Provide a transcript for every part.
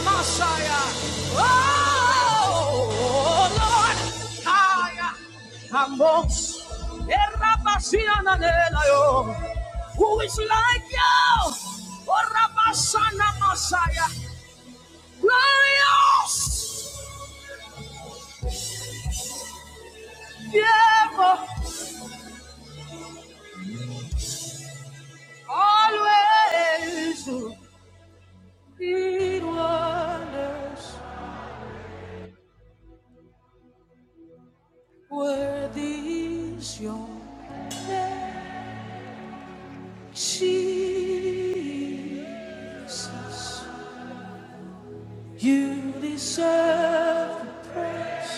Messiah. Oh, Lord. Haya. Ambos. Erabasiana Who is like you? Oh, Rabasana Messiah. Glorious. Ever. Always. Did wonders. Worthy is your name. Jesus, you deserve the praise.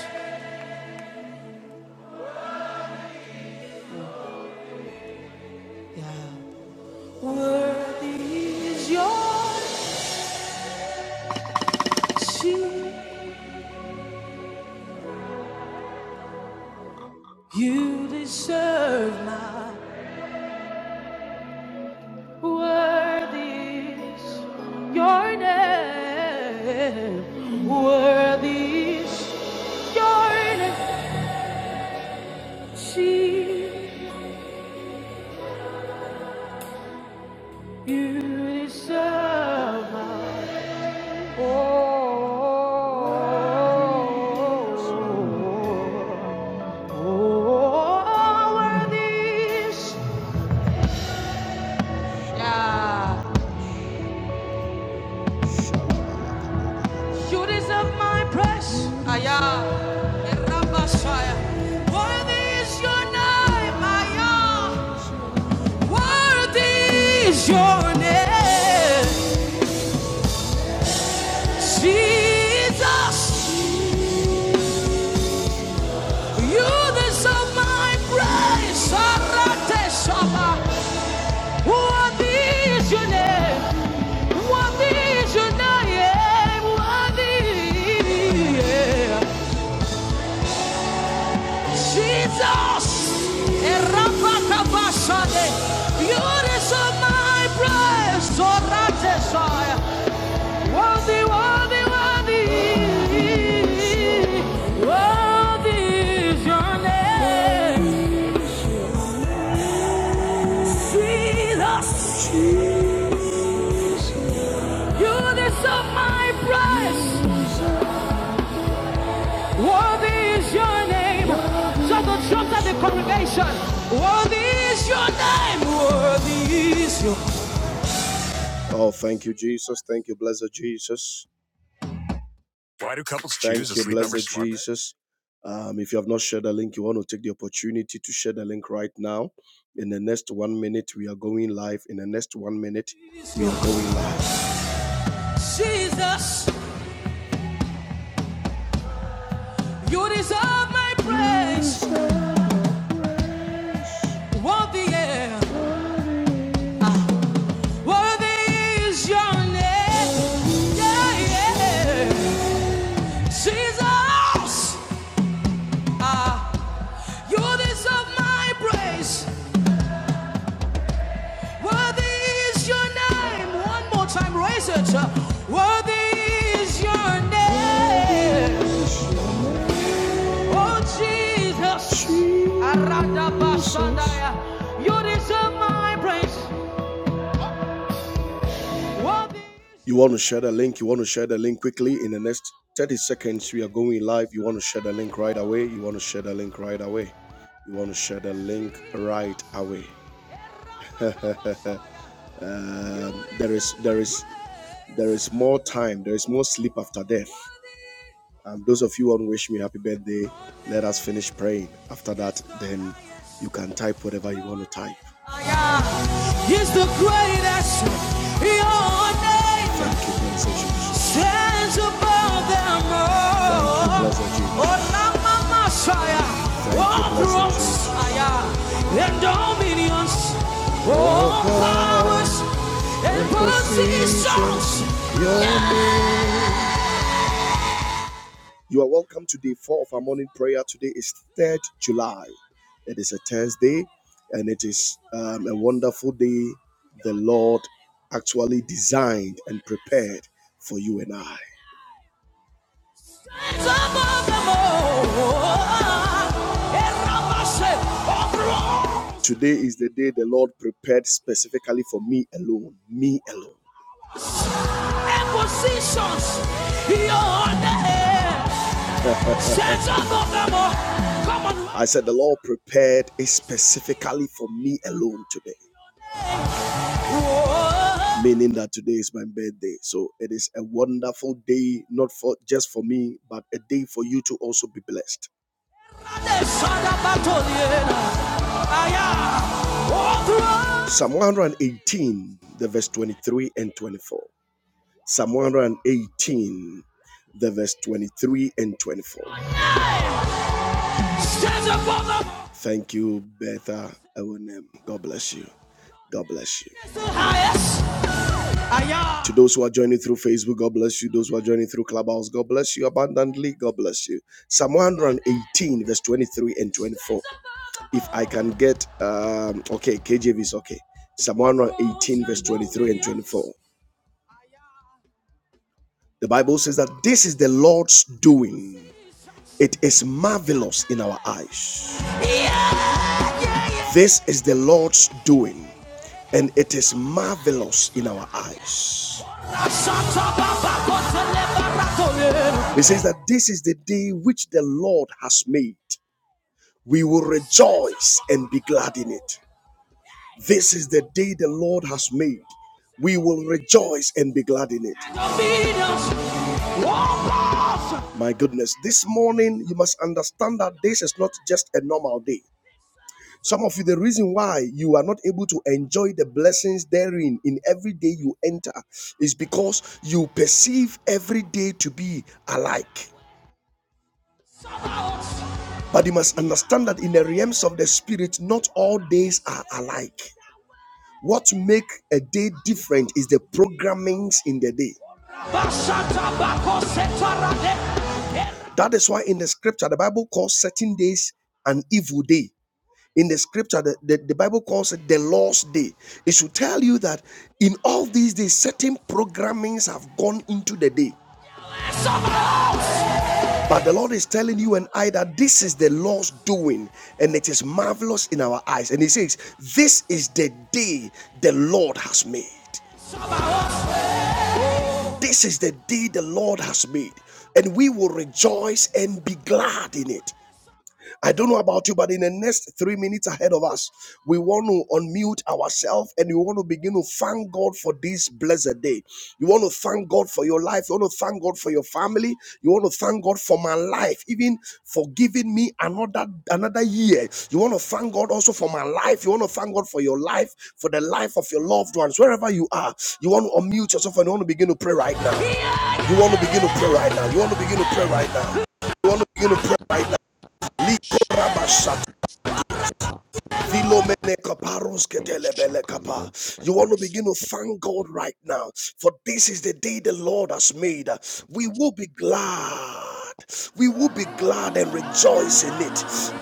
Yeah. Worthy is your name. You deserve my worthy is your name. Worthy is your name. You deserve my Your name, Jesus, you deserve my praise. Arate Shabbat. What is your name? What is your name? What is Jesus? Erapakabashade. Beauties of my breast, So that desire. Worthy, worthy, worthy. Worthy is your name. Jesus. You lift up my praise. Worthy is your name. Shout the drums at the congregation. Worthy is your name. Worthy is your name. Oh, thank you, Jesus. Thank you, blessed Jesus. Why do couples Thank choose a you, blessed Jesus. Um, if you have not shared the link, you want to take the opportunity to share the link right now. In the next one minute, we are going live. In the next one minute, we are going live. Jesus, you deserve my praise. Worthy, yeah. Worthy is your name. Yeah, yeah. Jesus, ah, you deserve my praise. Worthy is your name. One more time, raise it. Worthy is your name. Oh, Jesus. Aradabashandaya. You deserve my praise. You want to share the link? You want to share the link quickly in the next 30 seconds? We are going live. You want to share the link right away? You want to share the link right away? You want to share the link right away? Um, there is, there is, there is more time. There is more sleep after death. Um, those of you who want to wish me happy birthday, let us finish praying. After that, then you can type whatever you want to type. He's the greatest. Your name Thank you, blessed Jesus. stands above them all. Thank you, all. blessed Jesus. Oh, Lama Messiah, all thrones, and dominions, Oh all powers and positions. your name you are welcome to day four of our morning prayer. Today is 3rd July. It is a Thursday and it is um, a wonderful day the Lord actually designed and prepared for you and I. Today is the day the Lord prepared specifically for me alone. Me alone. And Positions, your name. I said, The Lord prepared it specifically for me alone today. Whoa. Meaning that today is my birthday. So it is a wonderful day, not for just for me, but a day for you to also be blessed. Psalm 118, the verse 23 and 24. Psalm 118, the verse 23 and 24. Thank you, Betha Ewenem. God bless you. God bless you. To those who are joining through Facebook, God bless you. Those who are joining through Clubhouse, God bless you abundantly. God bless you. Psalm 118, verse 23 and 24. If I can get, um, okay, KJV is okay. Psalm 118, verse 23 and 24. The Bible says that this is the Lord's doing. It is marvelous in our eyes. Yeah, yeah, yeah. This is the Lord's doing, and it is marvelous in our eyes. He says that this is the day which the Lord has made. We will rejoice and be glad in it. This is the day the Lord has made. We will rejoice and be glad in it. My goodness, this morning you must understand that this is not just a normal day. Some of you, the reason why you are not able to enjoy the blessings therein in every day you enter is because you perceive every day to be alike. But you must understand that in the realms of the spirit, not all days are alike. What make a day different is the programmings in the day. That is why in the scripture, the Bible calls certain days an evil day. In the scripture, the, the, the Bible calls it the Lord's Day. It should tell you that in all these days, certain programmings have gone into the day. But the Lord is telling you and I that this is the Lord's doing and it is marvelous in our eyes. And He says, This is the day the Lord has made. This is the day the Lord has made. And we will rejoice and be glad in it. I don't know about you, but in the next three minutes ahead of us, we want to unmute ourselves and we want to begin to thank God for this blessed day. You want to thank God for your life. You want to thank God for your family. You want to thank God for my life, even for giving me another another year. You want to thank God also for my life. You want to thank God for your life, for the life of your loved ones, wherever you are. You want to unmute yourself and you want to begin to pray right now. You want to begin to pray right now. You want to begin to pray right now. You want to begin to pray right now. Likorabasha you want to begin to thank God right now, for this is the day the Lord has made. We will be glad. We will be glad and rejoice in it.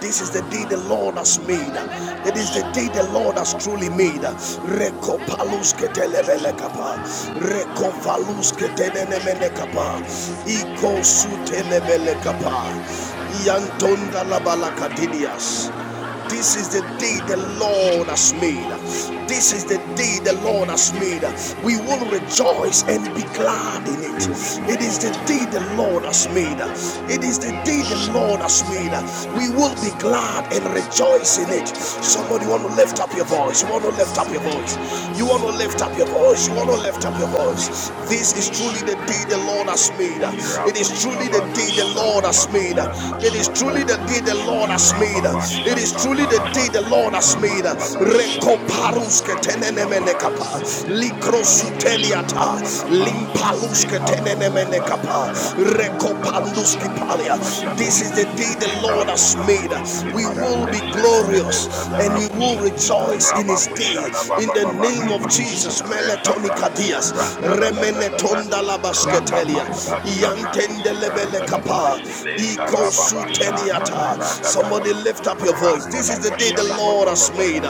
This is the day the Lord has made. It is the day the Lord has truly made. Rekopalus ketelebele kapa. This is the day the Lord has made. This is the day the Lord has made. We will rejoice and be glad in it. It is the day the Lord has made. It is the day the Lord has made. We will be Shut glad and up. rejoice in it. Shut Somebody want to lift up your voice. You want to lift up your voice. You want to lift up your voice. You want to lift up your voice. This is truly the day the Lord has made. It is truly the Irabuscabado day the Lord has Thank made Shadabasia made. It is truly the Tanabakabas, day the Lord has made. Rababa It is Shaka truly the day the Tarabasi Lord has made. Taramanta Dadusha. the Rekoparuske Raboska Oh, parati tenenemenekapa. de set de de that the satara past in La boshana Likrosuteliata. babaka Cati, pa Aras, Limpaluske leka Pali, proza et sasi tenenemenekapa. kara La Cati, prozanta da Rekopanduski prozanta da palia. Koshakaras, bashana La ma This is the Cara day le the Pali, Lord brazo has made. kantoruski We Arakatatas, will parande be Aras, shede de set de glorious that la the and we Koyata, will darabusha Aras, rejoice in his set that day. rababushana In baba the babaka name the of pa Jesus. resa Shakarat, Melatonica bradu dias. suvranta da da Rakatapas, da da da Remenetonda raka labaskete. Lebelia, parada sabradu Yantendelebele suvranta da da Yakatapariata, Kapa, leka Iko Etras, Kami, rababashanta da Suteniata. Braga Shada Korapariata, Somebody lift up your voice. This is the day Akiko, the Lord has Shakarat, made.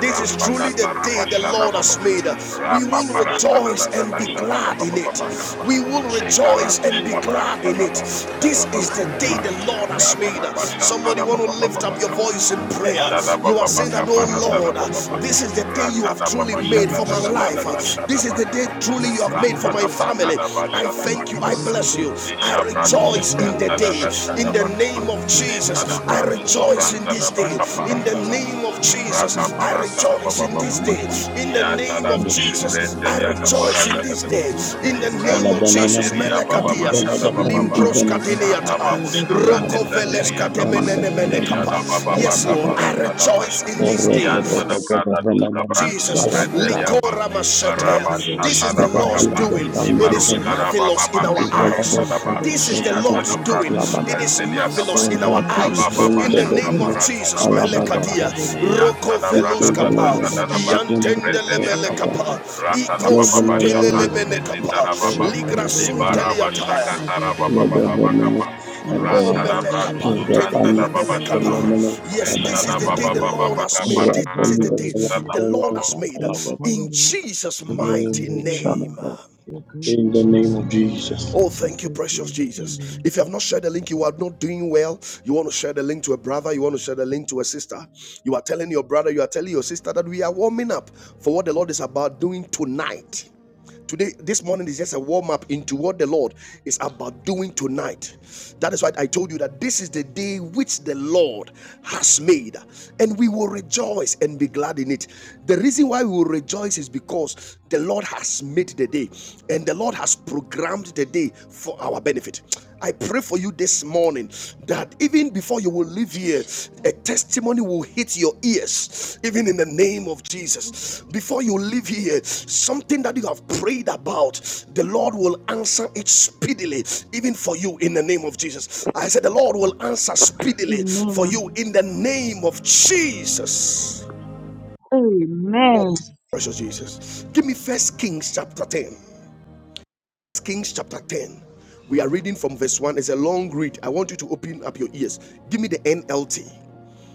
This is truly the day the Lord has made. We will rejoice and be glad in it. We will rejoice and be glad in it. This is the day the Lord has made. Somebody want to lift up your voice in prayer. You are saying that, oh Lord, this is the day you have truly made for my life. This is the day truly you have baba, made for my shada family. baba, I shada thank you. baba, I bless you. I Lishabrado rejoice in the Suvranta day. da da In the Shadabakapa. name of Lenta da Jesus, you. I Brado rejoice in Zuvranta I this da day. thank you, In the Lord. Bakaparata da Shut name of I thank you, Raka Jesus, Lord, I Parata da rejoice for Baba in the this Baba. day. music. In the Yata name da I of yeah, thank you that- for Jesus, the Dushubrente I that Liaka cool music. rejoice shot. in Parata this da. I day. thank you In for Thank the the you, name of Ebrazu music. Lord Jesus, Jesus. kanderia I baba thank Melekatias, Thank you bashada for you, the baba Lord ba music. Limpros Jesus. rata La, Katiniata, la, babu la, Isabadaba, shkabrande la, la. Rokoveles sanderia kapa Thank Yatadaba, you, eshada Katemenenemenekapa. shot, baba la, Yes, baka la, Lord, I Ikadababa, paranta da la, la, rejoice basha la. in this Ah, day. yanta let's da set Sakadabadababa, kada a duska copy, brandu Jesus, la, sufrente la, liapa Isakadabadaba, Likora cool shot, Mashete. la, baraba Shut up, Watadaba, This shata is da the la, baka Lord's pa doing. It is ibarushka da Ibadabadaba, la, la. baba marvelous in baka our eyes. paranta da ba Cool This Ishakantadaba, is the shot, la, yata da la, Lord's la. with the doing. bradu power of It the Alabada, la, is sufrente Holy la, liaka Ghost. pa see. marvelous in our Cool, In la, raba la, eyes. Jesus' baba la, In the mighty see. shaka name of Yeah. name, paranta da Jesus, Cool, basha la, da ba la, Melekadia, Ibadabadababa, yanta Roko da la. brada da In da Veluskapa, zada Cool da shot, baku la, la, sufrente la. Cool, la, la. La, la, la. liaka pa Iantendelebelekapa, Rata da Iko baba Ratabababa Shabrande de la, Cool Sutelelemenekapa, Sitarababa, shot, la, Ligra la, Lebaraba Eh, la. Sunteliataya. Shakatarababa In the Baba From baba that, Kapa, name Rakesh Oh, Rantada Alasakandi Bradu Subrantada Baba Vilas melekapantendelebelekapa. Shadaba, Kora Yes, this Rishada is the Fabiates day Baba the in Baba Lord has Baka made. This is the day Koshakas Parantana the Lord Alakakas has made in Jesus' mighty in name. Jesus of Jesus. Oh, thank you, Jesus' precious name, Jesus. If you have not shared the link, you are not doing well. You want to share the link to a brother, you want to share the link to a sister. You are telling your brother, you are telling your sister that we are warming up for what the Lord is about doing tonight. Today, this morning is just a warm up into what the Lord is about doing tonight. That is why I told you that this is the day which the Lord has made, and we will rejoice and be glad in it. The reason why we will rejoice is because the Lord has made the day, and the Lord has programmed the day for our benefit. I pray for you this morning that even before you will leave here, Jesus, a Father, testimony will hit your ears, even in the name of Jesus. Jesus' Before you leave here, something that you have prayed about, the Lord will answer it speedily, even for you in the name of Jesus. I name. said, The Lord will answer speedily for you Amen. in the name of Jesus. Oh, Amen. precious Jesus. Give me first Kings chapter 10. Kings chapter 10. We are reading from verse 1. It's a long read. I want you to open up your ears. Give me the NLT.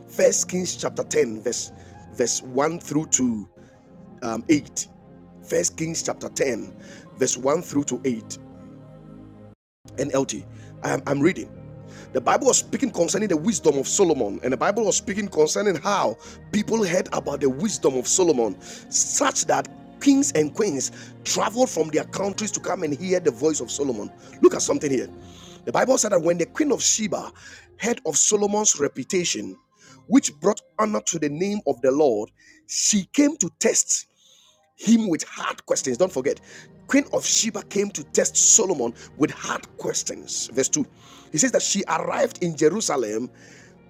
First Kings chapter 10, verse verse 1 through to um, 8. First Kings chapter 10, verse 1 through to 8. NLT. am I'm I'm reading. The Bible was speaking concerning the wisdom of Solomon, and the Bible was speaking concerning how people heard about the wisdom of Solomon, such that kings and queens traveled from their countries to come and hear the voice of Solomon. Look at something here. The Bible said that when the queen of Sheba heard of Solomon's reputation, which brought honor to the name of the Lord, she came to test him with hard questions. Don't forget, Queen of Sheba came to test Solomon with hard questions. Verse 2. He says that she arrived in Jerusalem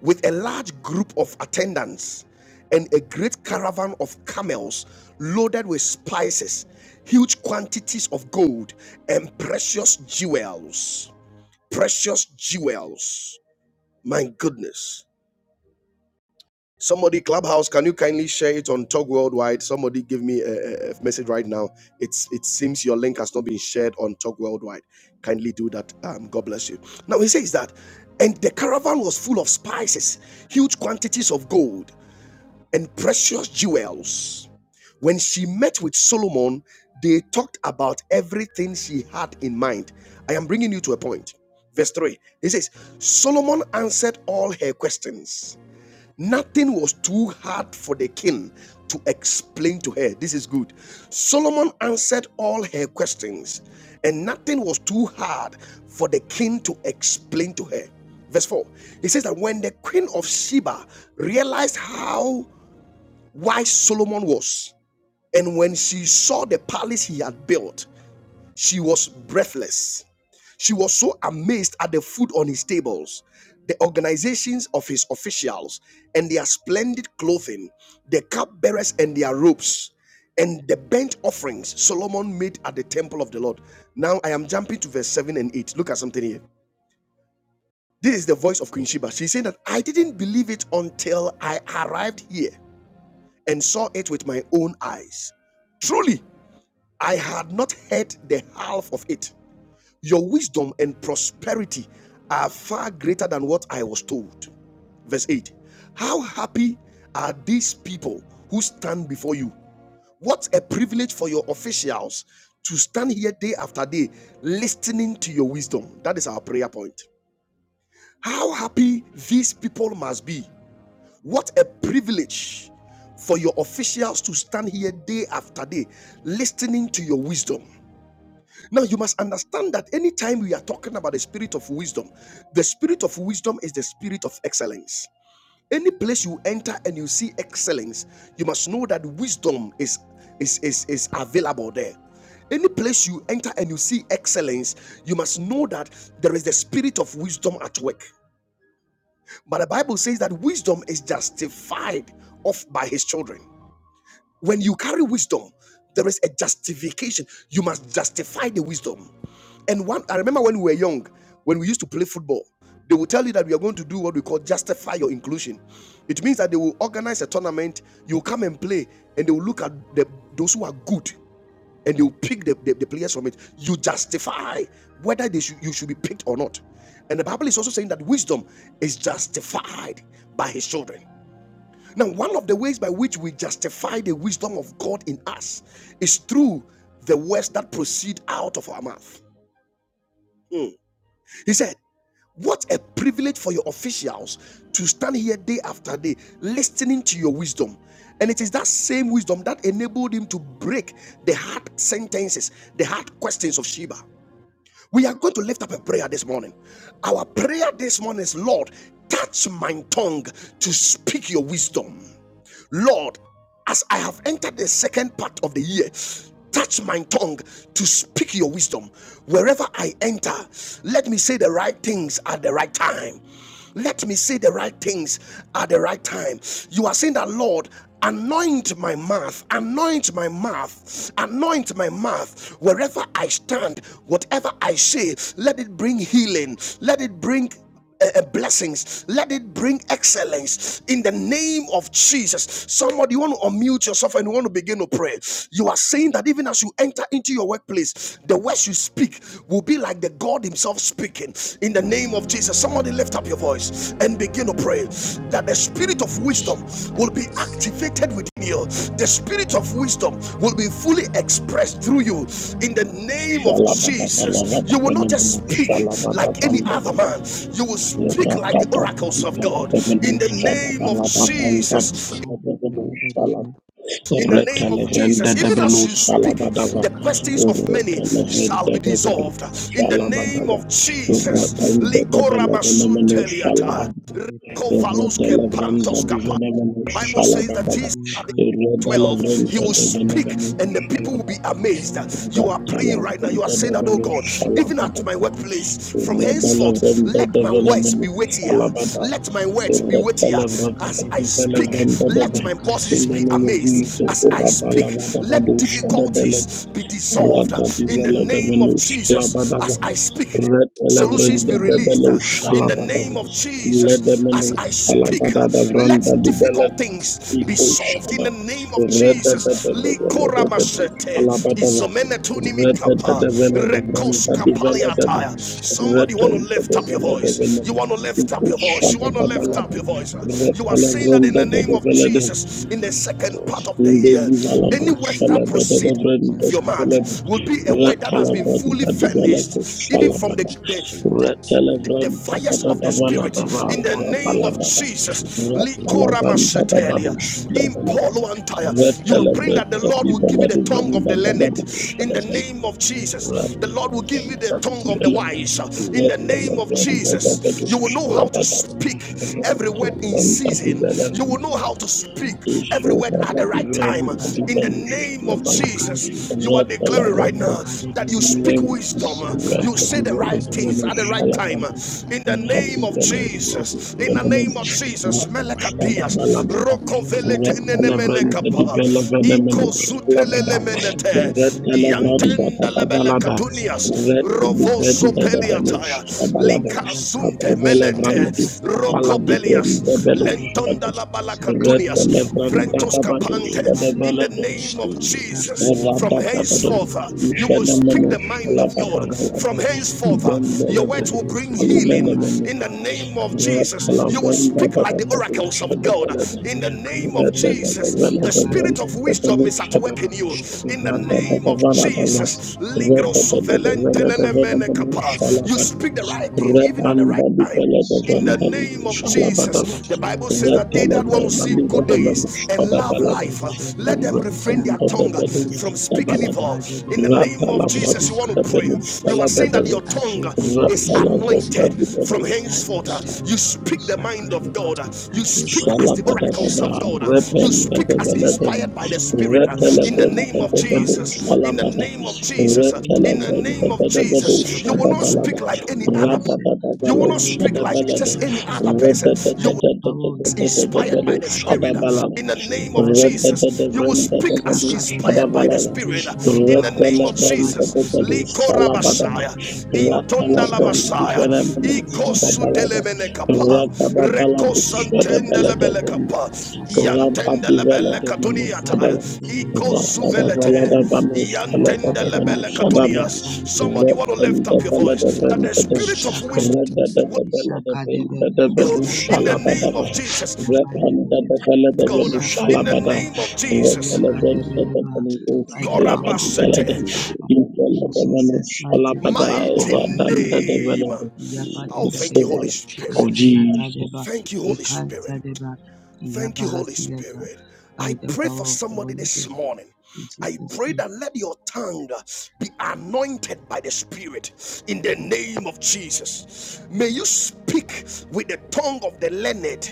with a large group of attendants and a great caravan of camels loaded with spices, huge quantities of gold, and precious jewels. Precious jewels. My goodness. Somebody, Clubhouse, can you kindly share it on Talk Worldwide? Somebody give me a, a- a message right now. It's It seems your link has not been shared on Talk Worldwide. Kindly do that. Um, God bless you. Now, he says that, and the caravan was full of spices, huge quantities of gold, and precious jewels. When she met with Solomon, they talked about everything she had in mind. I am bringing you to a point. Verse 3 He says, Solomon answered all her questions Nothing was too hard for the king to explain to her. This is good. Solomon answered all her questions, and nothing was too hard for the king to explain to her. Verse 4 He says that when the queen of Sheba realized how wise Solomon was, and when she saw the palace he had built, she was breathless. She was so amazed at the food on his tables, the organizations of his officials, and their splendid clothing, the cupbearers and their robes, and the burnt offerings Solomon made at the temple of the Lord. Now I am jumping to verse 7 and 8. Look at something here. This is the voice of Queen Sheba. She's saying that I didn't believe it until I arrived here and saw it with my own eyes. Truly, I had not heard the half of it. Your wisdom and prosperity are far greater than what I was told. Verse 8 How happy are these people who stand before you? What a privilege for your officials to stand here day after day listening to your wisdom. That is our prayer point. How happy these people must be. What a privilege for your officials to stand here day after day listening to your wisdom. Now, you must understand that anytime we are talking about the spirit of wisdom, the spirit of wisdom is the spirit of excellence. Any place you enter and you see excellence, you must know that wisdom is, is, is, is available there. Any place you enter and you see excellence, you must know that there is the spirit of wisdom at work. But the Bible says that wisdom is justified off by his children. When you carry wisdom, there is a justification. You must justify the wisdom. And one, I remember when we were young, when we used to play football, they will tell you that we are going to do what we call justify your inclusion. It means that they will organize a tournament, you will come and play, and they will look at the, those who are good and they will pick the, the, the players from it. You justify whether they should, you should be picked or not. And the Bible is also saying that wisdom is justified by his children. Now, one of the ways by which we justify the wisdom of God in us is through the words that proceed out of our mouth. Mm. He said, What a privilege for your officials to stand here day after day listening to your wisdom. And it is that same wisdom that enabled him to break the hard sentences, the hard questions of Sheba. We are going to lift up a prayer this morning. Our prayer this morning is Lord, touch my tongue to speak your wisdom. Lord, as I have entered the second part of the year, touch my tongue to speak your wisdom. Wherever I enter, let me say the right things at the right time. Let me say the right things at the right time. You are saying that, Lord, anoint my mouth, anoint my mouth, anoint my mouth. Wherever I stand, whatever I say, let it bring healing, let it bring uh, blessings. Let it bring excellence in the name of Jesus. Somebody, you want to unmute yourself and you want to begin to pray. You are saying that even as you enter into your workplace, the words you speak will be like the God Himself speaking in the name of Jesus. Somebody, lift up your voice and begin to pray that the spirit of wisdom will be Shakakas activated within you. The spirit of wisdom will be fully expressed through you in the name of Shalabada Jesus. You will not just speak like any other in man, you will speak like the oracles of God in the amen. name of Jesus. Kisha in Kisha In the name of Retelevrenda Jesus, de Let's even go Benu as you to the speak, Fabiates the Salabadava, questions of many in shall Retelevrenda be de Benu dissolved. In the name Salabadava, of Jesus, Retenda de likora Velevenemenu Salaba, Likorabasuteliata. Kovaluske the Retelevrenda de Kara Venemenu the Bible says that Salabadava, Jesus at the 12 he Retelevrenda will de Shakakas speak Venemenu and the people will Salaba, be amazed in you are praying right now you are Retelevrenda de saying that oh Venu god even at my Salabadava, workplace from henceforth Retelevrenda Yakadebe, Yakadebe, let de my words Yakadebe, Venemenu be weightier Salabadava, let my Yakadebe, words be weightier Ratalabra- as i Yakadebedebe, speak let Ratalabra- my In bosses the be Koshakas Yakantedebe, name of amazed Jesus, as i in speak Yakadebedebe, let Yatadeba, difficulties be dissolved Rada Sadadeba in the Divella de Hasanka, name of Venus, jesus Labadava, as i Yakadeba, speak Red Shadabelad, Radadiveladabanu Shalabadaba, solutions be Yakadeba, released Ratalabrandabelu uh, in the Shalabadaba, name of Yabadebedeba, Jesus. Ledemenu As Koshakas I Sukadeba, speak, uh, let Shalabadadavrandadibelad, Yakadebedebe, difficult Ratalavranda things be Shakali, solved Yabadeba, in the name of da Yakadeba, Jesus. da da balada, Yakadebedebe, Yakadebe, Yakadeba, Somebody Yakadeba, want to lift up your voice. You Isakadebe, want to lift up your voice. You want to lift up your voice. Uh, Yakadebadebe, You are saying that in the name Ishakadebe, of Jesus, in the second Yakadebadebe, part of the year, any words that Yakadebadebe, proceed of your mouth Shakasiyadebe, will be a word that has been fully furnished, even from the the, the the fires of the spirit in the name of Jesus. Ba, Ratalavranda da Likoramashetelia. babush da Yakadebadebe, Impoluantaya. You are praying that the Ratalabrata Yakadebadebe, Lord di will give you the tongue of Baladuranda the Babadu learned Ishakadebadebe, in the Shadabal name of Jesus. The Lord will Yakadebadebe, give you the tongue of the Ratalabrata wise Ishakadebadebe, in the name of Ratalabranda Babadu Jesus. You will Yakadebadebe, know how to Shalabadaba speak every Yakadebadebe, word in Ratalabranda I di season. pray You for will Baladuranda the know how to speak every Iso word at at the right time. Baladuranda di In the Balu name of Shalabala Jesus, you are declaring right now Ratalabranda that you speak Name wisdom. You Ratalabranda say the right di Sunday, things Balu at the right time. Shalabala In the Rati name of Shaka, Jesus, in the Vila, Baladuranda name of Jesus, Vila, I Vila, Melekapias, Red, Osha, speak wisdom Vila, in the name Retelevrende of Rokovelekenenemenekapa, Jesus. spirit of dibelevenemenush wisdom. Christ, the talabada. Iko, I Vila, kingdom pray for the Ikozutelemenete, and power spirit in of the name wisdom. Retelevrende Jesus. Mata, Iantendelebelekatunias, Yakadadadada, Deliver us from Vila, us the Ati, shakadadadada, name Rovosopeliataya, Vila, of Jesus. Vila, shakasiyadadada, Brante, Likasunte Menete, Sala, ilabadadadada, Deliver us from the Rokopelias, Lent. name shakadadadada, Lentonda la shakadada of balakadunias, Jesus. By satadada, Vrentos Tango kapante. Lord, In the ibadadadada, name of Shaka, in the name Vila, Jesus, Vila, ishakadada, of from Jesus. henceforth, uh, you ilabadadada Deliver will us speak from siyata, the the mind name of of Jesus. God. From ishakadadadada, henceforth, uh, your words will Deliver Vila, us from the name of Jesus. Deliver us from the name Deliver us bring ilatadadada, healing. Vila, In the ibadada, name of Rata Jesus, you ilakadada will speak like the Vila, oracles of Yakadeba, God. In the name of Yakadebe, Jesus, the spirit Isakadebe, of wisdom is at work in you. Isakadebe, Shaka, In the name Labadebe, of Jesus, Ligro Isakadebe, suvelentenenemenekapa. Isakadebe, you speak the right thing, even at the Labadebe, right time in the name of Isakadebe, from the name Jesus. The Shaka, Sophia Vila, Bible says that Tadeba, they Vila, Shaka, Vila, Vila, Vila, Shaka, Vila, Vila, Shaka, Vila, Vila, Vila, Shaka, Vila, that want to see good Labadebe, days and love life, uh, Sakadebe, let them refrain their tongue uh, Isakadebe, from speaking evil. In the Labadebe, name of Jesus, you want Vila, to pray. Isakadeba, You are saying Fiata. that your I tongue pray uh, for the is strength of people. anointed from la henceforth. uh, Yakadebe, You speak the mind of Isakadeba, God. uh, I You pray for speak as s- the oracles uh, of Salabadabra, God. uh, the You spirit of speak as wisdom Rependabelebele, inspired Vila, by for the my Spirit. uh, children. Shaka, In the Vila, name of Retelebendabedu, Idabadeba, Jesus. In the I Salabada, name speak of to the Jesus. uh, spirit of In the Vila, name wisdom. of Retelebendabedu, Jesus. You will not Shadiatas, Isakadaba, Shadabalada, speak like for any other Rachel, you for will Radadabelo, not speak Lily, like Shadabalada, for just any Shadiatas, other Asada, person. You by will the power of the be Holy Ghost. inspired Rebedebedebedebedebelu, by the Spirit. Katadeba, Shadabalada, In the name of Jesus, Levantadeba, you will speak as Rebedebedebedebelu, Shadapila, Isakadeba, inspired by the Shadabalada, Spirit. In the Yatadeba, name of Jesus, Shadalapas, Retelebendabedu, Levantadeba, Ila Likora Kablapa, Salabadaba, Messiah, Shasiyatadeba, Intonda la Shadiata, Messiah, Ikantadeba, Ratalabrandabelu, Ikosu Shadiata, Shadabalada, Ilakadeba, delemene Ila kapa, Rabba Rakatata, Shasiyatadeba. Ika, Rekosantende lebele Ikadebebe, kapa, Shakadebe Sadaka, Yantende Hasiata, lebele katuniata, Ibadebebe, Ikosu Ila Tata, velete, Ishakadebe, Ila Yantende Yatadeba, lebele Katapa, katunias. Yakandeba, Somebody want to lift up your Ila voice Yadeba, Shalabada, that Tata, the Spirit of wisdom Ishakadebe, Shakabiatans, Ishakadebe, you Shadapa, in the Yatadeba, name of Jesus. Ila Yabba-dabba-dabba, God, in the Katapa, name Ishaka-dabba-dabba, of Jesus. yaka By the Shadiata, power of Ila the Holy Ghost, Korabasete. in Jesus' mighty name, Mighty Tata, Shabba-dabba-dabba, name. Ila Oh, Tata, thank you, Yabba-dabba-dabba, Holy Sevala Spirit. of Jesus, Jesus. Shasiyata-dabba, Thank you, Holy Spirit. Ikanta-dabba, Thank you, Holy Yabba-hasiyata. Spirit. By I the pray for power of the somebody Holy this Ghost, morning. in I Jesus' pray name, that let your tongue be anointed by the Spirit in the name of Jesus. May you speak with the tongue of the learned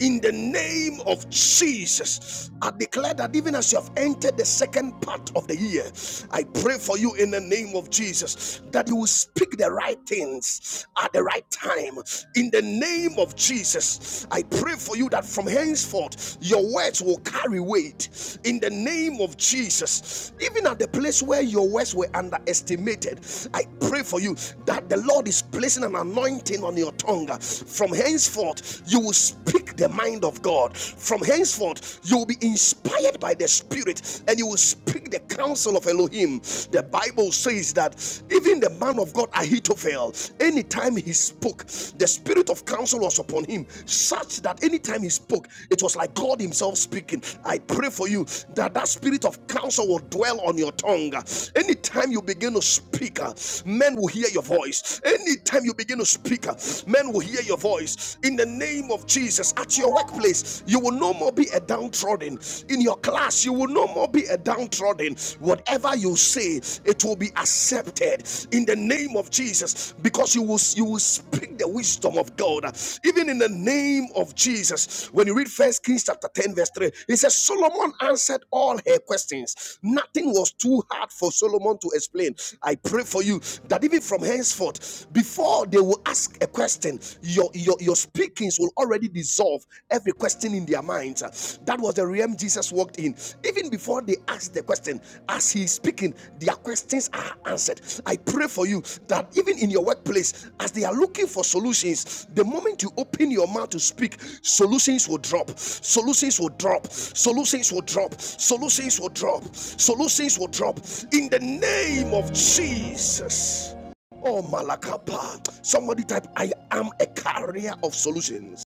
in the name of Jesus. I declare that even as you have entered the second part of the year, I pray for you in the name of Jesus that you will speak the right things at the right right time in the name of Jesus. I pray for you that from henceforth your words will carry weight in the name of Jesus. Even at the place where your words were underestimated, I pray for you that the Lord is placing an anointing on your tongue. From henceforth, you will speak the mind of God. From henceforth, you will be inspired by the Spirit and you will speak the counsel of Elohim. The Bible says that even the man of God Ahithophel, anytime he spoke, the spirit of counsel was upon him, such that anytime he spoke, it was like God Himself speaking. I pray for you that that spirit of counsel will dwell on your tongue. Anytime you begin to speak, uh, men will hear your voice. Anytime you begin to speak, uh, men will hear your voice. In the name of Jesus, at your workplace, you will no more be a downtrodden in your class, you will no more be a downtrodden. Whatever you say, it will be accepted in the name of Jesus because you will you will speak the wisdom of God. Even in the name of Jesus, when you read First Kings chapter 10, verse 3, it says Solomon answered all her questions. Nothing was too hard for Solomon to explain. I pray for you that even from henceforth, before they will ask a question, your your your spirit speakings will already dissolve every question in their minds. That was the realm Jesus walked in. Even before they asked the question, as he is speaking, their questions are answered. I pray for you that even in your workplace, as they are looking for solutions, the moment you open your mouth to speak, solutions will drop. Solutions will drop. Solutions will drop. Solutions will drop. Solutions will drop. In the name of Jesus. Oh, Malakapa. Somebody type, I am a carrier of solutions.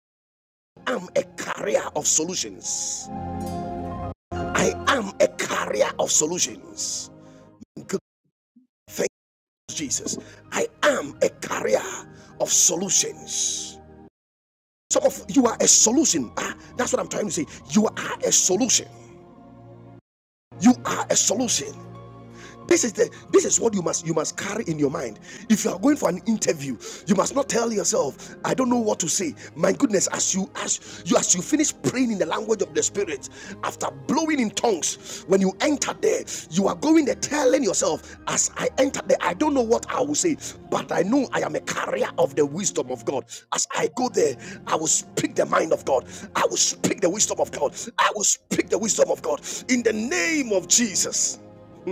I'm a carrier of solutions. I am a carrier of solutions. Good. Thank you, Jesus. I am a carrier of solutions. Some of you are a solution. Ah, that's what I'm trying to say. You are a solution. You are a solution. This is the this is what you must you must carry in your mind. If you are going for an interview, you must not tell yourself, I don't know what to say. My goodness, as you as you as you finish praying in the language of the spirit, after blowing in tongues, when you enter there, you are going there telling yourself, as I enter there, I don't know what I will say, but I know I am a carrier of the wisdom of God. As I go there, I will speak the mind of God. I will speak the wisdom of God. I will speak the wisdom of God in the name of Jesus.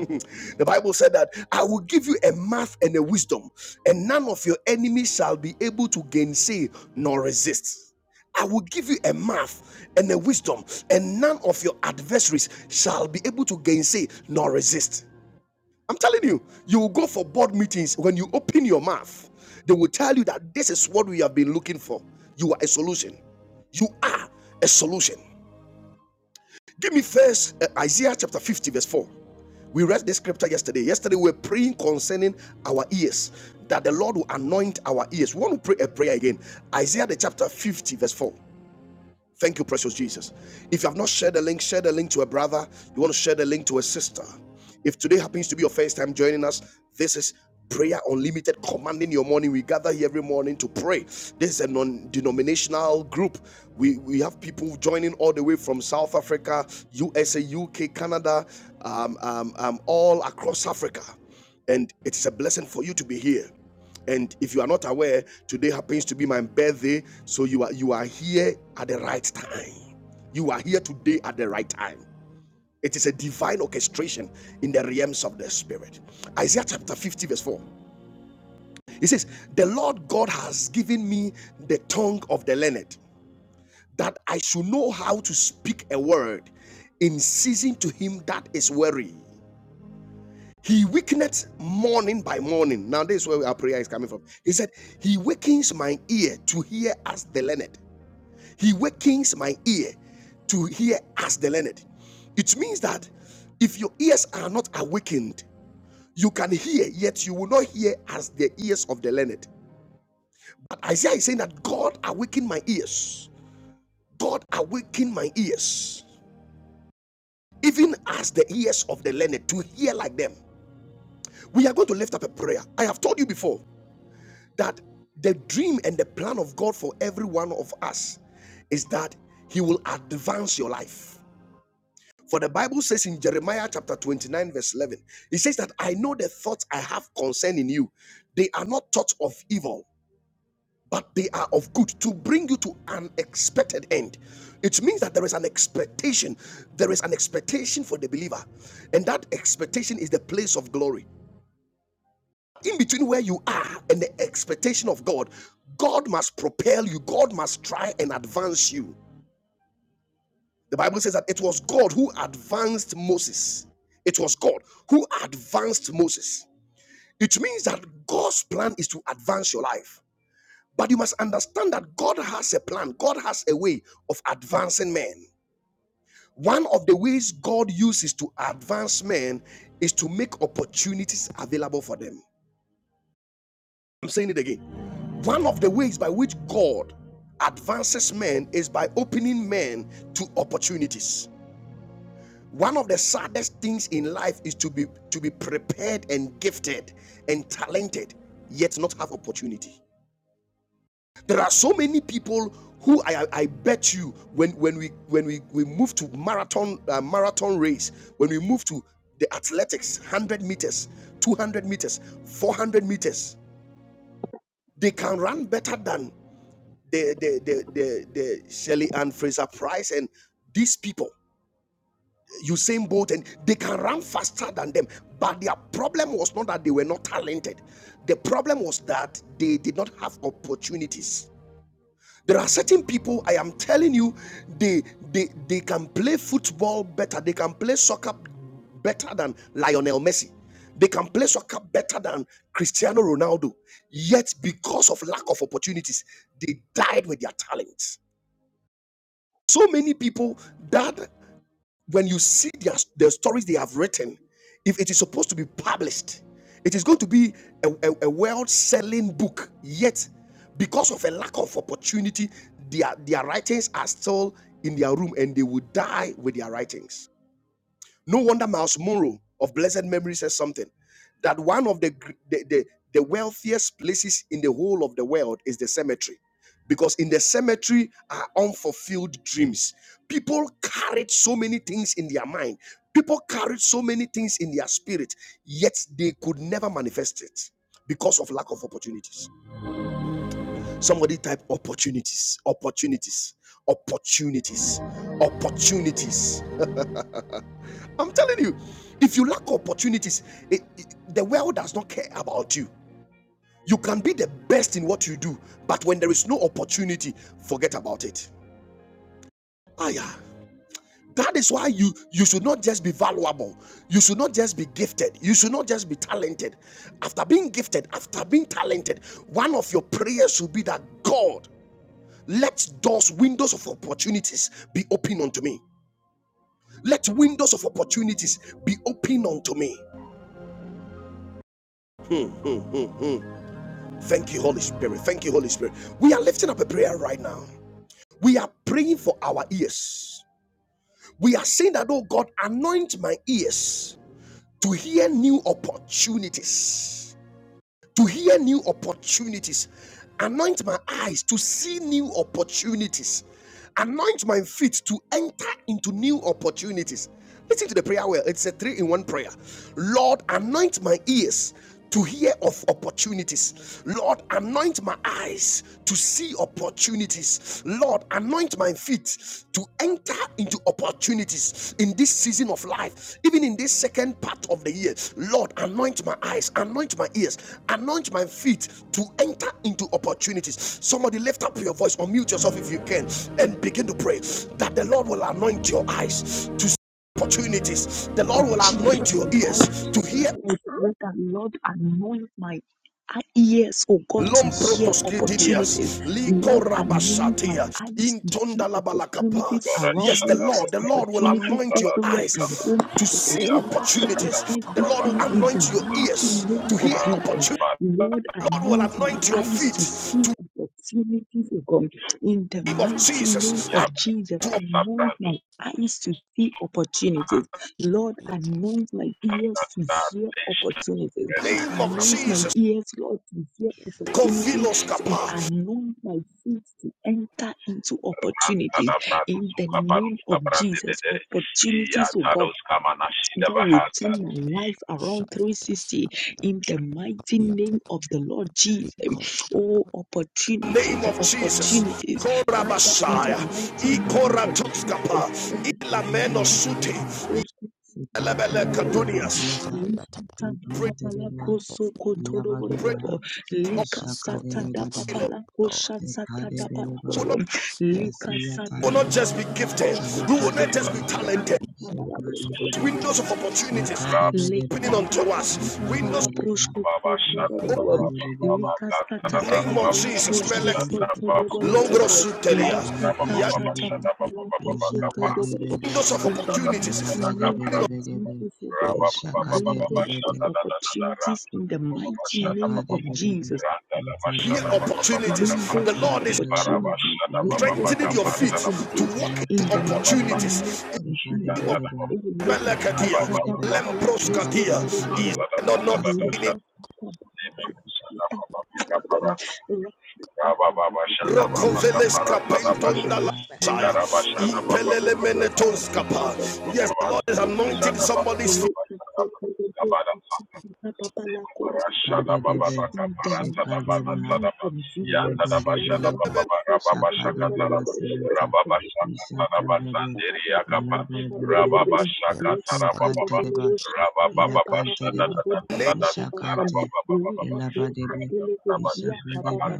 The Bible said that I will give you a mouth and a wisdom, and none of your enemies shall be able to gainsay nor resist. I will give you a mouth and a wisdom, and none of your adversaries shall be able to gainsay nor resist. I'm telling you, you will go for board meetings when you open your mouth, they will tell you that this is what we have been looking for. You are a solution. You are a solution. Give me first uh, Isaiah chapter 50, verse 4. We read this scripture yesterday. Yesterday, we were praying concerning our ears that the Lord will anoint our ears. We want to pray a prayer again. Isaiah the chapter 50, verse 4. Thank you, precious Jesus. If you have not shared the link, share the link to a brother. You want to share the link to a sister. If today happens to be your first time joining us, this is Prayer Unlimited commanding your morning. We gather here every morning to pray. This is a non denominational group. We, we have people joining all the way from South Africa, USA, UK, Canada, um, um, um, all across Africa. And it is a blessing for you to be here and if you are not aware today happens to be my birthday so you are you are here at the right time you are here today at the right time it is a divine orchestration in the realms of the spirit isaiah chapter 50 verse 4 it says the lord god has given me the tongue of the learned that i should know how to speak a word in season to him that is weary He wakeneth morning by morning. Now, this is where our prayer is coming from. He said, He wakens my ear to hear as the learned. He wakens my ear to hear as the learned. It means that if your ears are not awakened, you can hear, yet you will not hear as the ears of the learned. But Isaiah is saying that God awakened my ears. God awakened my ears, even as the ears of the learned, to hear like them. We are going to lift up a prayer. I have told you before. that the dream and the plan of God for every one of us is that He will advance your life. For the Bible says in Jeremiah chapter 29, verse 11, it says that I know the thoughts I have concerning you. They are not thoughts of evil, but they are of good to bring you to an expected end. It means that there is an expectation. There is an expectation for the believer, and that expectation is the place of glory in between where you are and the expectation of God, God must propel you, God must try and advance you. The Bible says that it was God who advanced Moses. It was God who advanced Moses. It means that God's plan is to advance your life. But you must understand that God has a plan, God has a way of advancing men. One of the ways God uses to advance men is to make opportunities available for them. I'm saying it again One of the ways by which God advances men is by opening men to opportunities. One of the saddest things in life is to be to be prepared and gifted and talented, yet not have opportunity. There are so many people who I, I bet you when when we when we, we move to marathon uh, marathon race, when we move to the athletics, 100 meters, 200 meters, 400 meters, they can run better than the the the the, the Shirley Ann Fraser Price and these people, Usain Bolt, and they can run faster than them. But their problem was not that they were not talented. The problem was that they did not have opportunities. There are certain people I am telling you, they they they can play football better. They can play soccer better than Lionel Messi. They can play soccer better than Cristiano Ronaldo. Yet, because of lack of opportunities, they died with their talents So many people that when you see their, their stories they have written, if it is supposed to be published, it is going to be a, a, world selling book. Yet, because of a lack of opportunity, their, their writings are still in their room and they will die with their writings. No wonder Miles Monroe of blessed memory says something that one of the, gr- the, the, the wealthiest places in the whole of the world is the cemetery. Because in the cemetery are unfulfilled dreams. People carried so many things in their mind, people carried so many things in their spirit, yet they could never manifest it because of lack of opportunities. Somebody type opportunities, opportunities, opportunities, opportunities. I'm telling you, if you lack opportunities, it- it- the world does not care about you. You can be the best in what you do, but when there is no opportunity, forget about it. Ah, yeah. That is why you you should not just be valuable. You should not just be gifted. You should not just be talented. After being gifted, after being talented, one of your prayers should be that God, let doors, windows of opportunities be open unto me. Let windows of opportunities be open unto me. Hmm, hmm, hmm, hmm. Thank you, Holy Spirit. Thank you, Holy Spirit. We are lifting up a prayer right now. We are praying for our ears. We are saying that, oh God, anoint my ears to hear new opportunities to hear new opportunities. Anoint my eyes to see new opportunities. Anoint my feet to enter into new opportunities. Listen to the prayer well. It's a three in one prayer. Lord, anoint my ears to hear of opportunities. Lord, anoint my eyes to see opportunities opportunities. Lord, anoint my feet to enter into opportunities in this season of life, even in this second part of the year. Lord, anoint my eyes, anoint my ears, anoint my feet to enter into opportunities. Somebody lift up your voice or mute yourself if you can and begin to pray that the Lord will anoint your eyes to see opportunities. The of Lord will Jesus, anoint your oh God, ears to let hear the Lord anoint my ears, oh God, to hear opportunities. Lomprotoskidinias, Lord, anoint my Likorabashatia, eyes to see opportunities Intondalabalakapa. Bara Yes, around the me, Shada Lord, the Lord will opportunities anoint Mahatada your everywhere I Skaba, eyes go, to see opportunity Yabarus in Kada opportunities. Baba The Lord Baba, will everything in the anoint your mighty ears name to hear of Jesus. Karus opportunities. Bat Lord, The Lord will anoint my anoint your eyes feet to see to opportunities, oh God, in the the name of mighty name Jesus. and of Yabra Jesus. to Anoint my Sabrandus eyes to see opportunities Lord, Tata, anoint my ears to Dar hear opportunities. the name of baba Anoint my Jesus. ears, Lord, to hear opportunities Kovilos and kapa. anoint my feet to enter into opportunities. Antada Bradan In the Suka name Paruska of Jesus, Brandede, opportunities, oh God, Yatados that Kamanashida will Bahada, turn my life around 360 in the mighty name of the Lord Jesus. Oh, Name opportunities, of Jesus. opportunities. Father, in the Korabashaya. mighty name of Yabba-dabba-dabba, Jesus. Ikoratoskapa. Ilameno sute. Shaka-dabba-dabba, Yelebele Shakanta-dabba, kadunias. Hasiyata, Likasata da papala Ikanta-dabba. koso kotoro pray, boroborobo. Yabadebaha, Likasata da Rascodiata, Ishakadebedeba, oh Lord, papala Lord, kosha sata da no Ekadebedeba, we will, papala not, chapter, let the we Likasata will not da Yasiyatadeba, just be papala gifted, kosko we will todo opportunities, not Siva, just let be Yakadebedebe, sata da there talented. be a papala loss of Shekadebedebe, Windows of opportunity, a lack opportunities Shekadebedebe, opening unto Likasata us. dapa Windows Yebudebedeba, palabrosko Rababa soto Shada Baba lobolobo. Baba Ishakadebedebe, Likasata Gatada in the dapa of name of Baba Yasiyata, Jesus. opportunities palabrosko Melek windows be of Shada soto Baba. open to opportunities, lobolobo. us, Longrosutelia. doors of Rabada Baba Likasata Baba opportunity Yakadebedebe, dapa Shada be Baba open Baba palabrosko soto Gaba, to us lobolobo. in Windows Ishakadebedebe, Ibada of In the Shada Dada mighty opportunities. Yes, Dada the name Gabara, of Yabadebedebedebe, Jesus, O name God, Rababa Baba of Baba windows Jesus. of Ishakadebedebe, Shada Dada Dada opportunities Randa, in the Baba mighty Shada name Baba of Shakadebedebe, Jesus Randa Baba Shada Yatadeba, Baba Baba opportunities. Gaba, The windows of Lord is Libara Shakantadeba, Baba opportunities, Shada Baba Baba windows strengthening of your Debadekadeba, feet Gaba, to opportunities walk in Shut into the mighty Yatadebakadeba, name opportunities. In of the name Jesus. Sekadebedeba, Oh, of look at that, Melekadia, that, that, Sekantadeba, that, to the Lembroskadia, is Lebasiyatadeba, world. not Look Kasiyadeba knocking at that, that, that, that, that, that, Look at that, that, that, that, halaba, Rokoveles to the world. kapentondala. Shedebeha, Lord, Messiah. Look at that, Impelele that, that, that, super, that, menetonskapa. that, Yes, the Lord is anointing somebody's Look at that, that, that, that, that, that, that, Rababa Kadedebe, in the mighty Shekadebeha, name of Jesus, oh, Lord, Yabadebeleba, I pray to you, Lord, Lord, Lord, Shakadebeha Lord, Lord, Lord. siyata, Thank you, Lord, Lord, Ishakadebe, Lord, Lord, Lord, Lord, Lord, Lord, Lord, Lord, Ilabadebe, Yes, that Ishakante deba, Yakante deba, Name- Ishakante, Ilabadebe, Ishakadebe,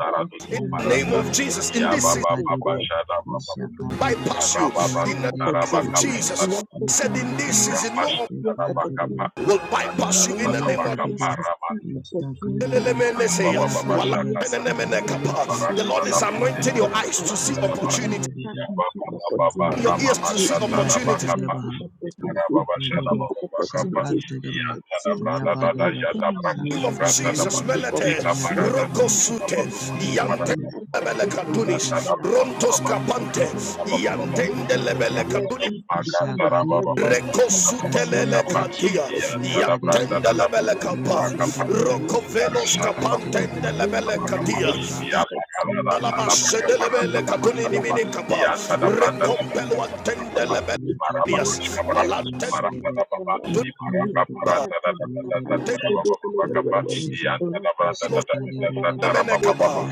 In In the the name Iludebe, of name of Jesus, in this Jesus, season, oh Baba Yabadebe, God, Shada Baba. open my Ishakadebe, bypass eyes you. to see In the Ilabadebe, name of opportunity. Siyutu, Jesus, Lord, He said, open in Yukandeba, my this ears season, no to one hear Sukante opportunity will bypass you. In anoint the Iya my name of eyes badebe, to see isha opportunities kadebe, Impelele menesea. la Anoint my Wala- badebe, ears to hear kusiyate, tenenemenekapa. the Lord opportunity. is anointing sikadebe, your Anoint eyes my to see feet la to opportunity, kadebe enter debe, into isha your opportunity. kadebe, ears to To see yata enter opportunity. dadeba, into isha opportunities. kadebe, Big opportunities. shakante deba, iya Opportunities that will badebe, turn my name of life sakadebe Jesus, debe, around, oh God. Melete, yata In the deba, name of Rokosute, Jesus, we ikadebe turn Yante. debe, the life of Lebele those around sikadebe, Katunis, me around. Rontos iya Kapante, badebe, Opportunities that iya will Thank make Yantende me kadebe Rabba Baba a Lebele debe, Katuni, blessing to Shada isha become a kadebe blessing. debe, In the la name Recosutelele siyata, of Cantia, Jesus, Lord, you said Yantende Yakadebedebe, you will Lebele bless me Capa, to become a Yabadebedebe, blessing Rocovelos in the Ishakantedeba, Capantende name of Lebele Jesus. Catia, Yadedeba, Opportunity for Yakadeba, Yalabashe God. de Let Lebele us Katuni praise Nimini God Yabadebedebe, for Capa, the Krishna. Yakadebedebe, Recompelo Antende Lebele Let Sasiyatadeba, Catias, us thank you I'll Walantende for speak Yakadebe, the Lord. Let us thank you for the Lord. Let us Yakadebedebe, Dunpa, thank you for Yadebedebe, the Lord. Yadebedebe, Let us Tenos Ishakadebedebe, Lebele Capa,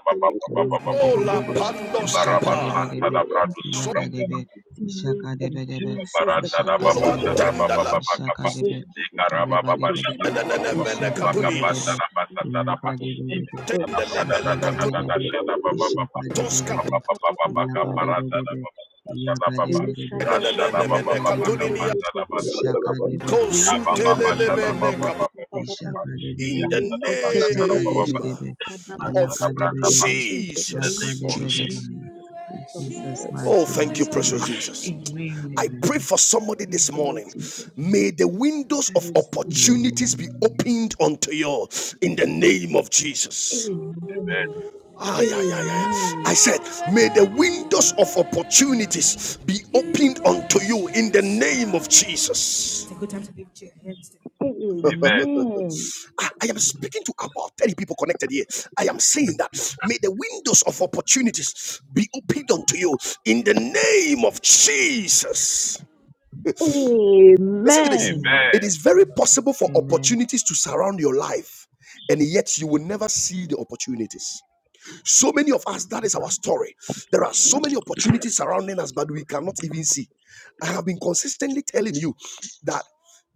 Baba Baba Baba God to Ola the Baba Yebedebedebe, Krishna. Pandos Ibaraba Kapa. Santa Ishakadebedebe, da Brado In Sufranta the da Yakadebe, mighty name of Ishakadebedebe, Batista Jesus the Barata da Christ, Baba O Shada Ishakadebedebe, Baba God. tendala Baba In Kaba the Ishakadebe, name Ikaraba Baba Shada Yabadebedebe, Baba Baba mene Baba Kaba Ishakadebedebe, katunias. Tara Basata da Ba Ilabadebedebe, Ibanta da Tendele Brada da mene da da katun da da Shakadebedebe, Shada Baba Baba Ishakadebedebe, Baba Baba Baba Kaparata da Yabadebedebe, Baba Baba Shada Baba Yakadebedebe, Rashada Baba mene Baba Yakadebedebe, katuninia Kapanta da Basata da Ba Ishakadebe, Ya Baba Baba consultele Shada mene Yabadebedebe, Baba kapa. Baba Baba Kaba In Ya Ishakadebedebe, the Shada Brada da Baba Baba name Ishakadebedebe, and I of Shada call shall Baba Kaba Yakadebedebe, in the name Jesus. of of Jesus Jesus. Shakadebedebe. Jesus Christ In of Jesus' Nazareth, I Oh, mighty pray name, thank you, thanksgiving. precious amen, Jesus. Amen. I amen. pray for somebody Thank this you, Lord morning. Jesus. May the windows I of receive, Mm, Lord. opportunities mm, be opened unto you in the name of Jesus. Amen. Amen. Ah, yeah, yeah, yeah. yeah. Amen. I said, may the mm. windows of opportunities be opened unto you in the name of Jesus. Amen. Amen. Ah, I am speaking to about 30 people connected here. I am saying that may the windows of opportunities be opened unto you in the name of Jesus. Listen to this. Amen. Amen. It is very possible for Amen, opportunities to surround your life, and yet you will never see the opportunities. So many of us, that is our story. There are so many opportunities surrounding us, but we cannot even see. I have been consistently telling you that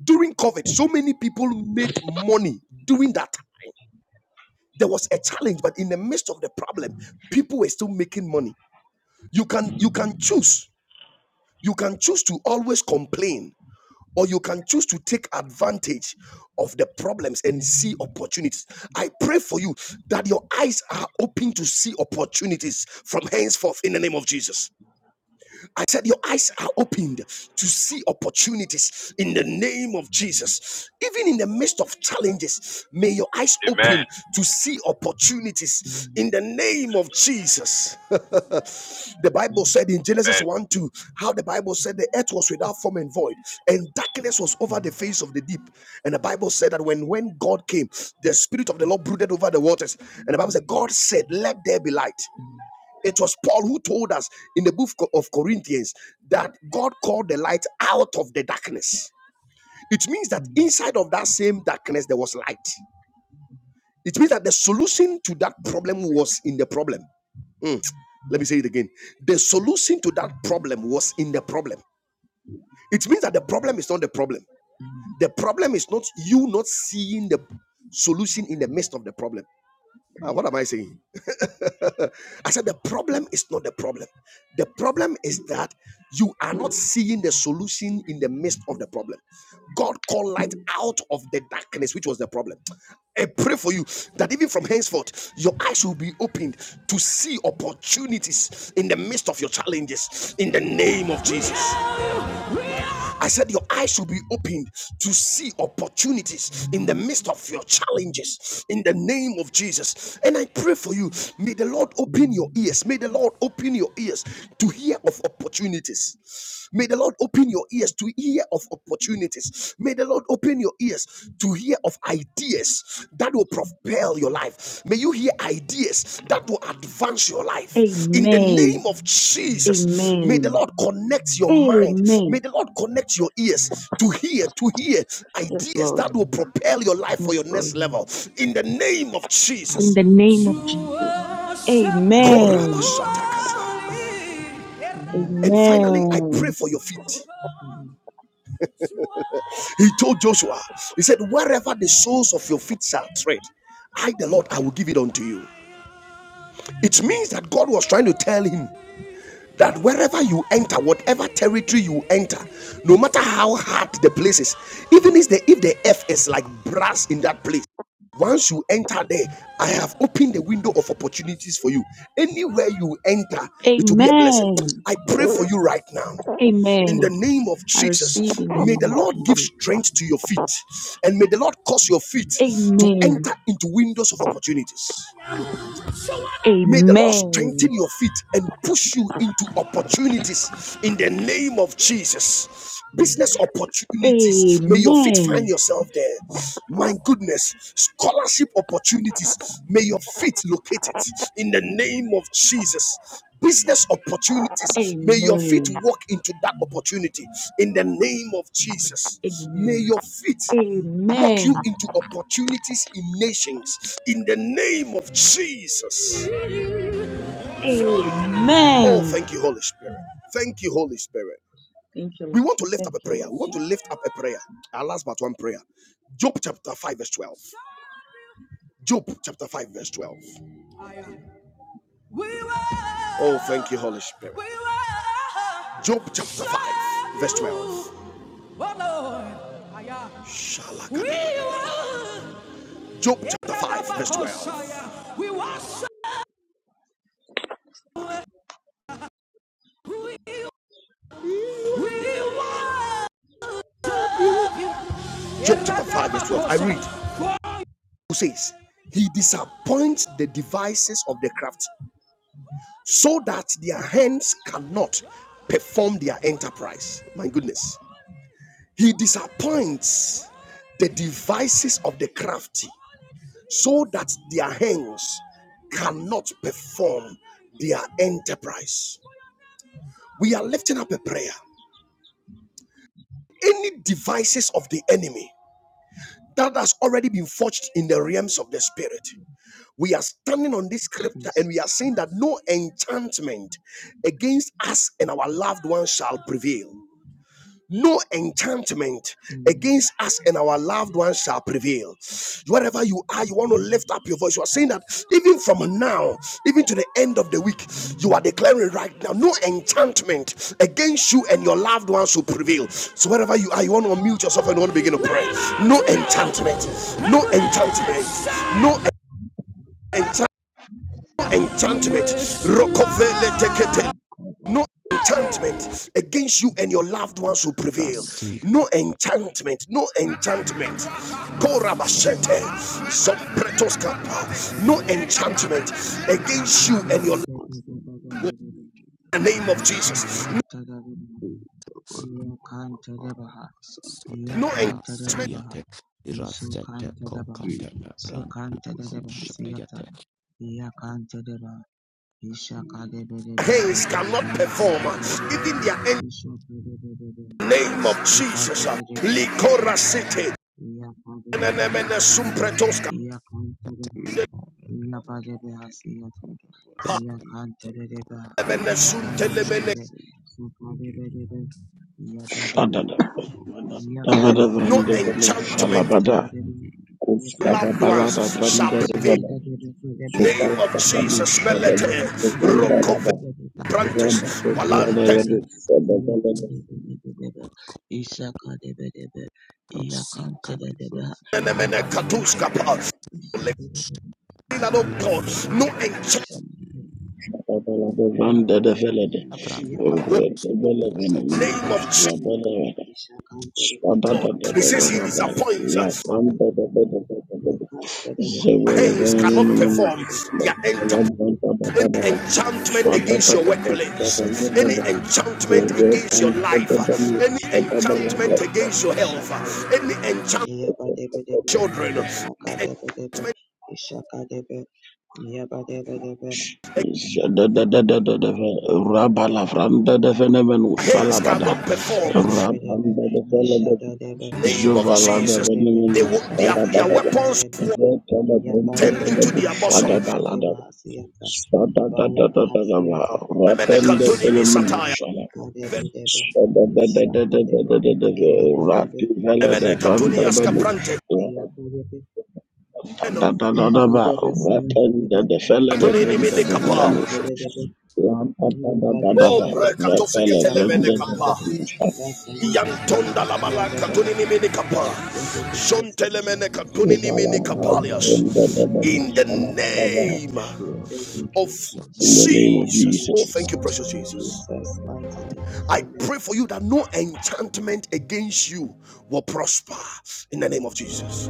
during COVID, so many people made money during that time. There was a challenge, but in the midst of the problem, people were still making money. You can you can choose. You can choose to always complain or you can choose to take advantage of the problems and see opportunities. I pray for you that your eyes are open to see opportunities from henceforth in the name of Jesus. I said, Your eyes are opened to see opportunities in the name of Jesus. Even in the midst of challenges, may your eyes Amen. open to see amen, mm, opportunities in the name of Jesus. the Bible said in Genesis Amen. 1 2, how the Bible said the earth was without form and void, and darkness was over the face of the deep. And the Bible said that when, when God came, the Spirit of the Lord brooded over the waters. And the Bible said, God said, Let there be light. It was Paul who told us in the book of Corinthians that God called the light out of the darkness. It means that mm, mm, inside of that same darkness, there was light. It means that the solution to that problem was in the problem. Mm. Let me say it again. The solution to that problem was in the problem. It means that the problem is not the problem. The problem is not you not seeing the solution in the midst of the problem. Ah, what am I saying? I said, the problem is not the problem. The problem is that you are not seeing the solution in the midst of the problem. God called light out of the darkness, which was the problem. I pray for you that even from henceforth, your eyes will be opened to see opportunities in the midst of your challenges in the name of Jesus. I said, Your eyes should be opened to see opportunities in the midst of your challenges in the name of Jesus. And I pray for you. May the Lord open your ears. May the Lord open your ears to hear of opportunities. May the Lord open your ears to hear of opportunities. May the Lord open your ears to hear of ideas that will propel your life. May you hear ideas that will advance your life. In the Amen. name of Jesus, may the Amen. Lord connect your mind. May Amen. the Lord connect your ears to hear, to hear Yes, ideas Lord. mm. that will amen, propel your life for your Yes, Lord. next amen, amen, level. In the name of In Jesus. amen, the name of Jesus. Amen. in Jesus' amen, name. And finally, I Amen. pray for your feet. amen. He told Joshua, He said, Wherever the soles of your feet shall tread, I, the Lord, I will give it unto you. It means that God was trying to tell him that wherever you enter, whatever territory you enter, no matter how hard the place is, even if the if the earth is like brass in that place, once you enter there, I have opened the window of opportunities for you. Anywhere you enter, it will be a blessing. Amen. I pray for you right now in the Amen. name of I receive Jesus. in the May the name of Lord give Jesus. strength to your feet and may the Lord cause your feet to Amen. enter into windows of opportunities. May the Lord Amen. strengthen your feet and push you into opportunities in the name of Jesus. Business opportunities, Amen. may your feet find yourself there. My goodness, scholarship opportunities, may your feet locate it in the name of Jesus. Business opportunities, may your feet Amen. walk into that opportunity in the name of Jesus. May Amen. your feet walk Amen. you into opportunities in nations in the name of Jesus. Amen, Oh, Amen. thank you, Holy Spirit. Thank you, Holy Spirit. Thank you. Lord. We want to lift Thank up a you, prayer. Lord We want to Jesus. lift up a prayer. Our last but one prayer. Job chapter 5, verse 12. Job chapter 5, verse 12. Oh, thank you, Holy Spirit. Job chapter 5, verse 12. Job chapter 5, verse 12. Job chapter 5, verse 12. I read. Who says, He disappoints the devices of the craft so that their hands cannot perform their enterprise. My goodness. He disappoints the devices of the crafty so that their hands cannot perform their enterprise. We are lifting up a prayer. Any devices of the enemy that has already been forged in the realms of the spirit, we are standing on this scripture and we Jesus. are saying that no enchantment against us and our loved ones shall prevail. No enchantment Amen. against us and our loved ones shall prevail. Wherever you are, you want to lift up your voice. You are saying that even from now, even to the end of the week, you are declaring right now, no enchantment against you and your loved ones will prevail. So wherever you are, you want to unmute yourself and you want to begin to pray. No enchantment, no enchantment, no enchantment enchantment. No Thank you. enchantment against you and your loved ones will prevail. Irasi No kopko enchantment, no enchantment. Thank No enchantment against you and your Yabadebedebedebedebe, in the name of Jesus. No, Ishakadebedebe. Yakantarabaha, sote no na enchantment Yakantarabaha, prasediate. Irasete Yusukantarabaha, kokate na branda na Sikantarabaha, Siata, koshaliate. Yakantarabaha, Ishakadebedebe, hands cannot perform. Yakadebedebe, Even their Ishakadebedebe, name of Jesus. Ibadebedebe, Likora city. Yakadebedebe, Emenesum pretoska. Yakantarabaha, Yabadebeha, Siata, Yakantarabaha, Emenesum telemene Ikadebedebe, Sukadebedebe, Yabadebe, Adada. Davada No vrande velo enchantment shalabada. Yakadebe, of Kusfada loved balada ones shall prevail. vrande Thank In the you. Name of Jesus, Melete, Rokove Na Brantes, teda Malante, iko you. prosi It's myself with the blood Nenemene covenant of Katuskapa, Jesus Christ, the kadoshana. Lekinanoko, no enchantment progress and the Ishaka debe Na branda na with debe, rosadiate. the name of Ishaka Jesus, Irati. Lord. diate. He says he disappoints, us. hands cannot perform their enterprise. Any enchantment against your workplace, any enchantment against your life, any enchantment against your health, any enchantment children. debe, Yaba debe debe, Rapenda Hands cannot perform. In Adebedebe, Ishadadebe, the name of Jesus. Ishadebedebe, They will, their, their weapons of Shakasiyatadebe, war turn Iyabadebe, into their bosom. Ishakadebahasiyata, Ibalabahasiyata, Ishadadebe, Ikadebedebe, Ishakadebe, Elabadebe, Ishakadebedebe, Iyakadebe, Iyabadebe, Siyatadebe, de fella de brenda benemenus Ikantadebe, Oh, Rabadabadabadaba, Iyabadebadebe, repele, Ishakadebedebe, vrendedebedusha, Latadebe, Neither of us will Yadadabaha. be able to Ushpegede cover blesses us. the bus and the zuvalaba, Ishakababadada. liberty and the In the bubble of vrendedebedushalabadaba. Kadabahasiyaka. name Of rock the Kadabahasilaka of the wicked of Yes, bus In by and the the the name of power of liberty the Jesus. Holy Jesus. Oh, Ghost. Jesus. thank you, precious In Jesus. Jesus' mighty name. I Amen. pray for you that no enchantment against you will prosper in the name of Jesus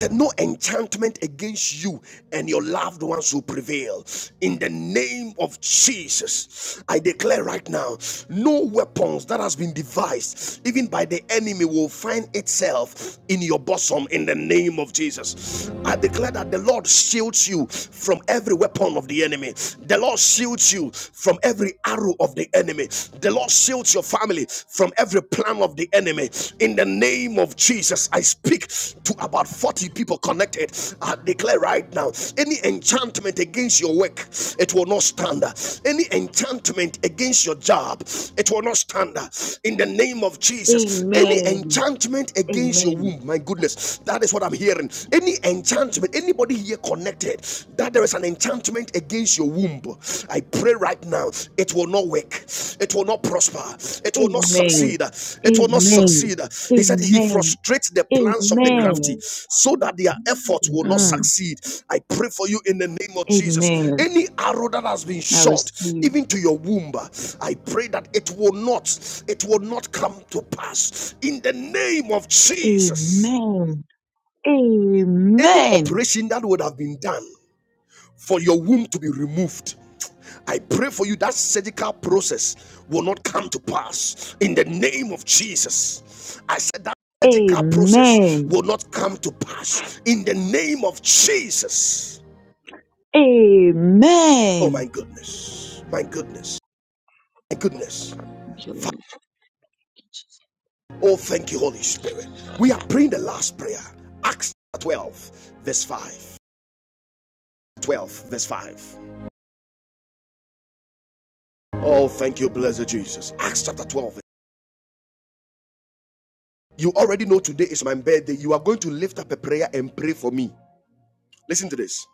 that no enchantment against you and your loved ones will prevail. In the name of Jesus, I declare right now no weapons that has been devised, even by the enemy, will find itself in your bosom. In the name of Jesus, I declare that the Lord shields you from every weapon of the enemy, the Lord shields you from every arrow of the enemy, the Lord shields your family family from every plan of the enemy. In the name of Jesus, I speak to about 40 people connected. I declare right now any enchantment against your work, it will not stand. Any enchantment against your job, it will not stand. In the name of Jesus, any Amen. enchantment against your Amen. womb, my goodness, that is what I'm hearing. Any enchantment, anybody here connected, that there is an enchantment against your womb. I pray right now, it will not work, it will not prosper, it will not Amen. succeed, it will not Amen. succeed. He said, He Amen. frustrates the plans of the Amen. Amen. crafty so that their efforts will not Amen. Mm. succeed. I pray for you in the name of Jesus. Amen. Any arrow that has been I shot, receive. even to your womb, I pray that it will not, it will not come to pass in the name of Jesus. Amen. Any Amen. operation that would have been done for your womb to be removed. I pray for you that surgical process will not come to pass in the name of Jesus. I said that surgical process Amen. will not come to pass in the name of Jesus. Oh my Amen. goodness, my goodness, my goodness. Thank you, Lord. Oh, thank you, Holy Spirit. We are praying the last prayer. Acts 12, verse 5. 12, verse 5. Oh, thank you, blessed Jesus. Acts chapter 12. You already know today is my birthday. You are going to lift up a prayer and pray for me. Listen to this.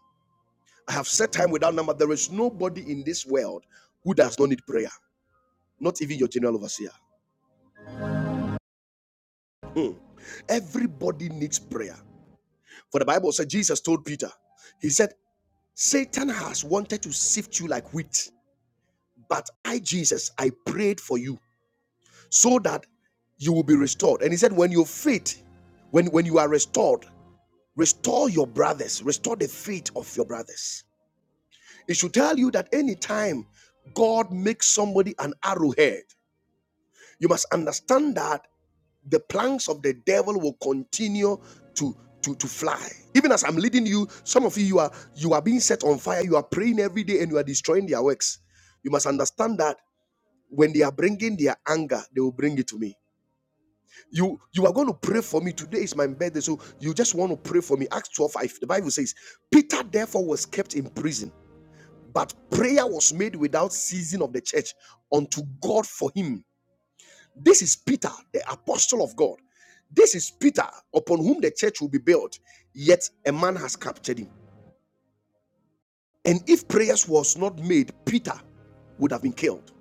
I have said time without number. There is nobody in this world who does not need prayer, not even your general overseer. Everybody needs prayer. For the Bible said, Jesus told Peter, He said, Satan has wanted to sift you like wheat, but I, Jesus, I prayed for you so that you will be restored. And He said, When your faith, when, when you are restored, restore your brothers, restore the faith of your brothers. It should tell you that anytime God makes somebody an arrowhead, You must understand that the planks of the devil will continue to to, to fly. Even as I'm leading you, some of you you are you are being set on fire. You are praying every day and you are destroying their works. You must understand that when they are bringing their anger, they will bring it to me. You you are going to pray for me today is my birthday, so you just want to pray for me. Acts 12, five. The Bible says, Peter therefore was kept in prison, but prayer was made without ceasing of the church unto God for him this is Peter, the apostle of God. This is Peter, upon whom the church will be built, yet a man has captured him. And if prayers was not made, Peter would have been killed.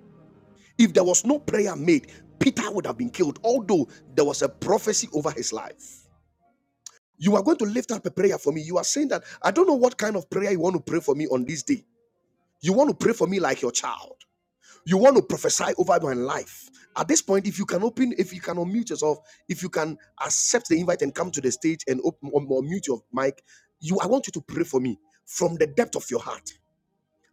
If there was no prayer made, Peter would have been killed, although there was a prophecy over his life. You are going to lift up a prayer for me. You are saying that I don't know what kind of prayer you want to pray for me on this day. You want to pray for me like your child. You want to prophesy over my life. At this point, if you can open, if you can unmute yourself, if you can accept the invite and come to the stage and open or mute your mic, you I want you to pray for me from the depth of your heart.